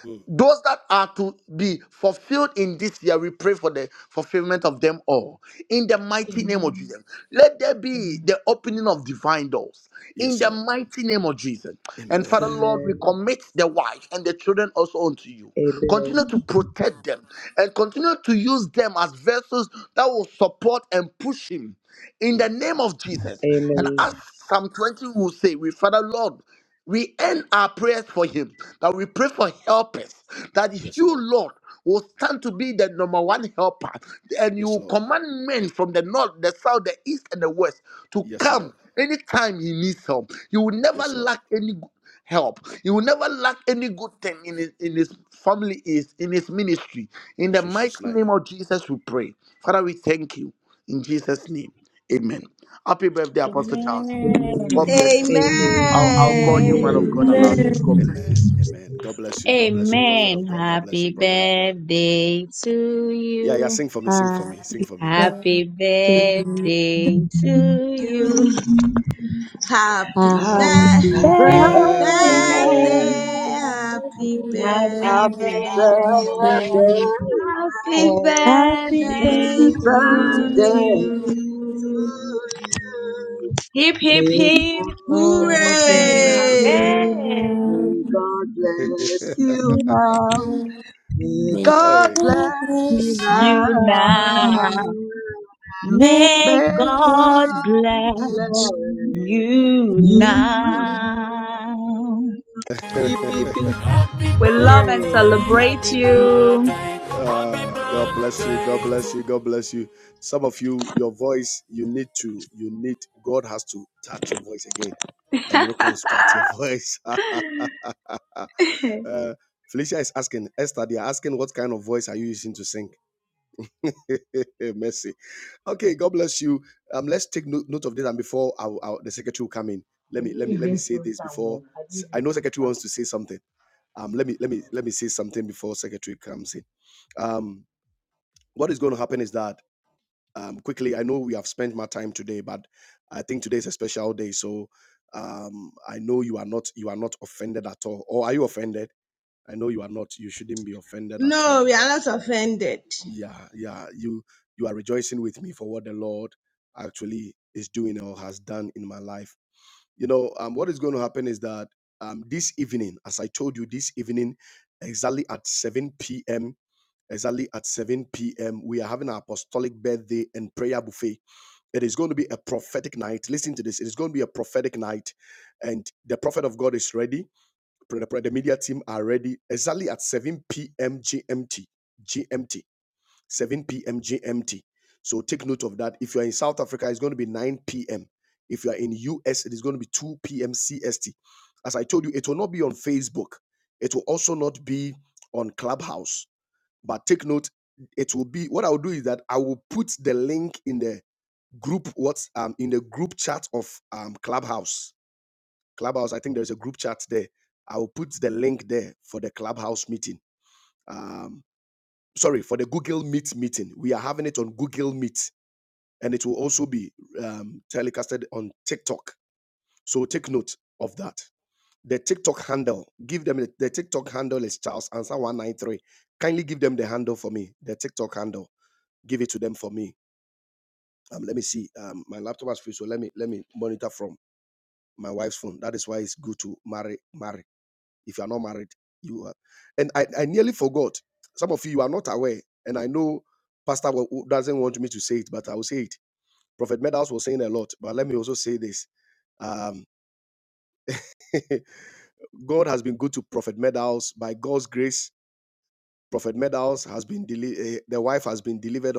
Mm. those that are to be fulfilled in this year, we pray for the fulfillment of them all. In the mighty name of Jesus, let there be the opening of divine doors. In Yes, the Lord. mighty name of Jesus. And Father, Amen. Lord, we commit the wife and the children also unto you. Amen. Continue to protect them and continue to use them as vessels that will support and push him in the Mm. name of Jesus. And Amen. as Psalm 20 will say, we Father, Lord. We end our prayers for him, that we pray for helpers, that is Yes, you, Lord. Lord, will stand to be the number one helper, and you Yes, will Lord. command men from the north, the south, the east, and the west to Yes, Lord. come anytime he needs help. You will never Yes, Lord. lack any good help. You will never lack any good thing in his, in his family, is in his ministry. In In the mighty Jesus' name name. of Jesus, we pray. Father, we thank you. In Jesus' name, amen. Happy birthday, Apostle Amen. Charles. Amen. God Amen. bless Amen. you. Amen. I'll, I'll call you, man of Amen. God. I Amen. love Amen. you. God bless you. Amen. Amen. God bless you. God Amen. bless you, prophet of Amen. God. God bless you, Happy prophet of God. birthday to Yeah, yeah, you. sing for me, sing for me, sing for me. Happy birthday to you. You Amen. happy Amen. birthday. Happy Happy Happy Happy Happy, birthday. birthday. birthday. Birthday, birthday. happy happy Happy Happy Happy birthday, birthday, birthday. birthday. happy birthday, Happy Happy happy birthday birthday. birthday to to birthday birthday you. to to you. you. you. Hip, hip, May hip. God bless God you bless Hooray. Hooray! now. Hooray. you. May Yay! God bless you now. Maria. May May God Hey. God bless you bless You now. now. you. May May May God God God bless. bless you you. now. Hip, hip, hip, Happy We love and birthday, hooray. celebrate happy birthday, happy you. Ah, God bless you, God birthday. bless you, God bless you. Some of you, your voice, you need to, you need, God has to touch your voice again and reconstruct your voice. uh, Felicia is asking, Esther, they are asking, what kind of voice are you using to sing? Mercy. Okay, God bless you. Um, let's take note, note of this, and before our, our, the secretary will come in, let I me didn't let me let me even say sing this before. Samuel. I didn't I even know sing secretary Samuel. wants to say something. Um, let me let me let me say something before secretary comes in. Um, what is going to happen is that um, quickly. I know we have spent my time today, but I think today is a special day, so um, I know you are not you are not offended at all, or are you offended? I know you are not. You shouldn't be offended at No, all we are not offended. yeah yeah you you are rejoicing with me for what the lord actually is doing or has done in my life you know um what is going to happen is that um this evening as i told you this evening exactly at 7 p.m exactly at 7 p.m we are having an apostolic birthday and prayer buffet it is going to be a prophetic night. Listen to this. It is going to be a prophetic night. And the prophet of God is ready. The the media team are ready exactly at 7 p.m. GMT. GMT. 7 p.m. GMT. So take note of that. If you are in South Africa, it's going to be 9 p.m. If you are in US, it is going to be 2 p.m. CST. As I told you, it will not be on Facebook. It will also not be on Clubhouse. But take note, it will be what I will do is that I will put the link in the group what's um in the group chat of um Clubhouse. Clubhouse, I think there's a group chat there. I will put the link there for the Clubhouse meeting. Um sorry for the google meet meeting we are having it on google meet and it will also be um, telecasted on tiktok so take note of that the tiktok handle give them the, the tiktok handle is charles answer 193 kindly give them the handle for me the tiktok handle give it to them for me um, let me see um, my laptop has free so let me let me monitor from my wife's phone that is why it's good to marry marry if you are not married. You are. And I, I nearly forgot. Some of you are not aware. And I know Pastor doesn't want me to say it, but I will say it. Prophet Meadows was saying a lot, but let me also say this. Um, God has been good to Prophet Meadows By God's grace, Prophet Meadows has been, deli- eh, the wife has been delivered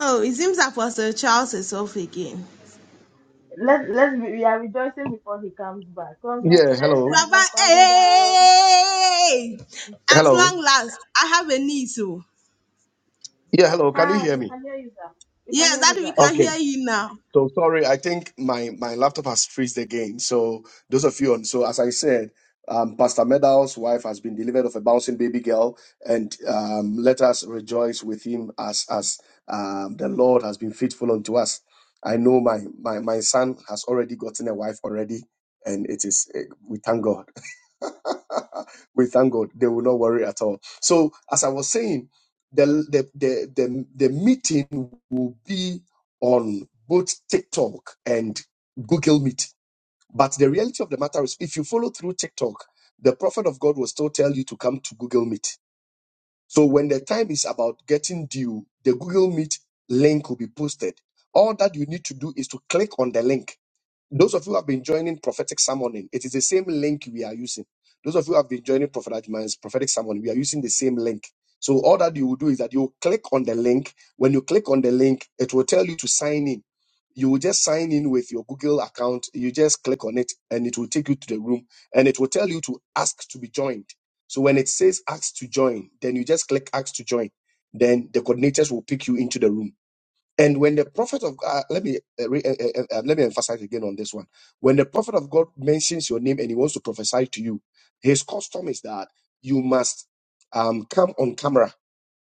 Oh, it seems Apostle Charles is off again. Let, let's be, we are rejoicing before he comes back. Yeah, hello. Congratulations, Baba, Pastor Medal. hey! At Hello. long last, I have a niece. oh. Yeah, hello. Can you Hi, hear you me? can hear you, sir. You can Yes, hear that you, we sir. can Okay. hear you now. So sorry, I think my my laptop has freezed again. So those of you on, so as I said, um, Pastor Medal's wife has been delivered of a bouncing baby girl, and um, let us rejoice with him as as um, the Lord has been faithful unto us. I know my my my son has already gotten a wife already, and it is eh, we thank God. we thank God. They will not worry at all. So, as I was saying, the the the the, the meeting will be on both TikTok and Google Meet. But the reality of the matter is, if you follow through TikTok, the prophet of God will still tell you to come to Google Meet. So when the time is about getting due, the Google Meet link will be posted. All that you need to do is to click on the link those of you who have been joining prophetic summoning, it is the same link we are using. Those of you who have been joining Prophet Ajman's prophetic summoning, we are using the same link. So all that you will do is that you click on the link. When you click on the link, it will tell you to sign in. You will just sign in with your Google account. You just click on it and it will take you to the room and it will tell you to ask to be joined. So when it says ask to join, then you just click ask to join. Then the coordinators will pick you into the room and when the prophet of God, let me uh, re, uh, uh, uh, let me emphasize again on this one. When the prophet of God mentions your name and he wants to prophesy to you, his custom is that you must um, come on camera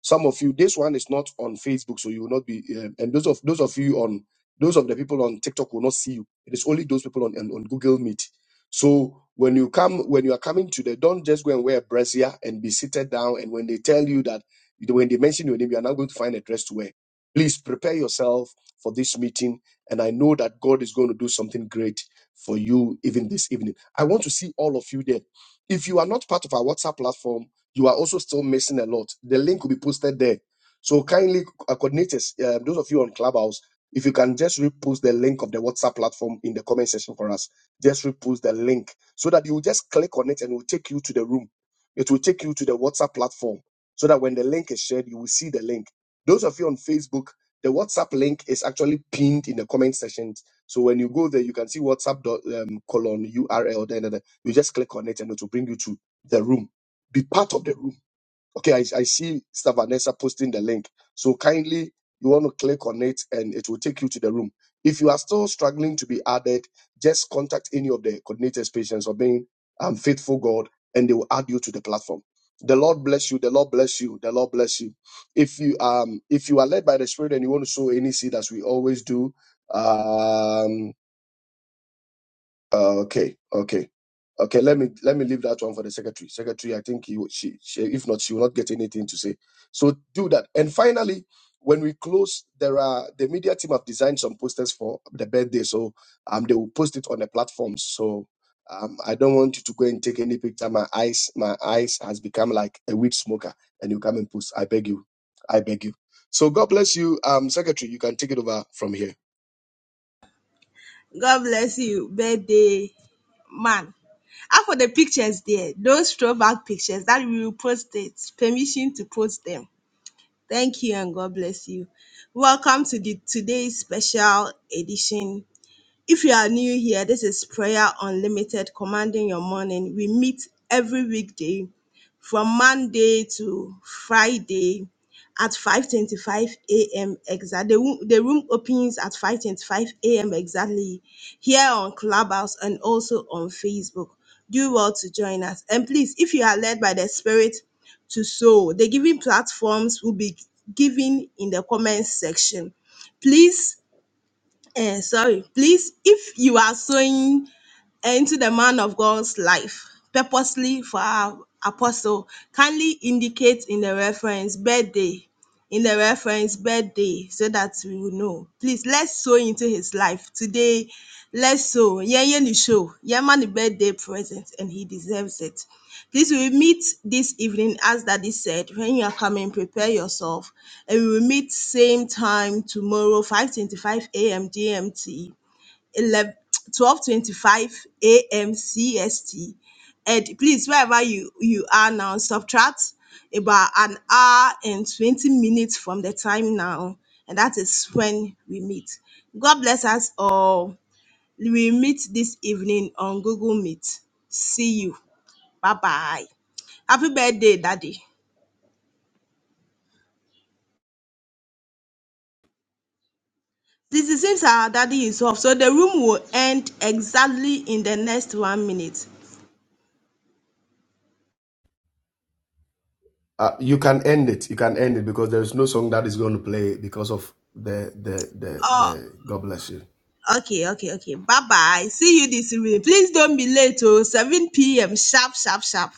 some of you, this one is not on Facebook, so you will not be. Um, and those of those of you on those of the people on TikTok will not see you. It is only those people on on, on Google Meet. So when you come, when you are coming to the, don't just go and wear a brassiere and be seated down. And when they tell you that, when they mention your name, you are now going to find a dress to wear. Please prepare yourself for this meeting, and I know that God is going to do something great for you even this evening. I want to see all of you there. If you are not part of our WhatsApp platform you are also still missing a lot. The link will be posted there. So kindly, uh, coordinators, uh, those of you on Clubhouse, if you can just repost the link of the WhatsApp platform in the comment section for us, just repost the link so that you will just click on it and it will take you to the room. It will take you to the WhatsApp platform so that when the link is shared, you will see the link. Those of you on Facebook, the WhatsApp link is actually pinned in the comment section. So when you go there, you can see WhatsApp dot, um, colon URL. Then then- then. you just click on it and it will bring you to the room be part of the room. Okay, I, I see Sister Vanessa posting the link. So kindly, you want to click on it and it will take you to the room. If you are still struggling to be added, just contact any of the coordinators, patients, or being um, faithful God, and they will add you to the platform. The Lord bless you. The Lord bless you. The Lord bless you. If you um if you are led by the Spirit and you want to sow any seed, as we always do, um uh, okay okay Okay, let me let me leave that one for the secretary. Secretary, I think he, she, she if not she will not get anything to say. So do that. And finally, when we close, there are the media team have designed some posters for the birthday, so um they will post it on the platforms. So um I don't want you to go and take any picture. My eyes my eyes has become like a weed smoker, and you come and post. I beg you, I beg you. So God bless you, um secretary. You can take it over from here. Pictures that we will post it. Permission to post them. Thank you and God bless you. Welcome to the today's special edition If you are new here, this is Prayer Unlimited Commanding Your Morning. We meet every weekday from Monday to Friday at 5:25 a.m. exact. The, room- the room opens at 5:25 a.m. exactly here on Clubhouse and also on Facebook. Do well to join us. And please, if you are led by the Spirit to sow, the giving platforms will be given in the comments section. Please Eh, sorry, please, if you are sewing into the man of God's life purposely for our apostle. Kindly indicate in the reference birthday, in the reference birthday, so that we will know. Please let's sow into his life today. Let's sow. Yeah, yeah, you show. Yeah, man, the birthday present, and he deserves it. Please, we will meet this evening, as Daddy said. When you are coming, prepare yourself, and we will meet same time tomorrow, 5:25 a.m. GMT twelve twenty five a.m. CST. And please, wherever you you are now, subtract about an hour and twenty minutes from the time now, and that is when we meet. God bless us all. We meet this evening on Google Meet. See you. Bye bye. Happy birthday, Daddy. This is since our daddy is off, so the room will end exactly in the next one minute. Uh, you can end it. You can end it because there is no song that is going to play because of the the the Uh, the. God bless you. Okay, okay, okay. Bye bye. See you this evening. Please don't be late. Oh, 7 p.m. Sharp, sharp, sharp.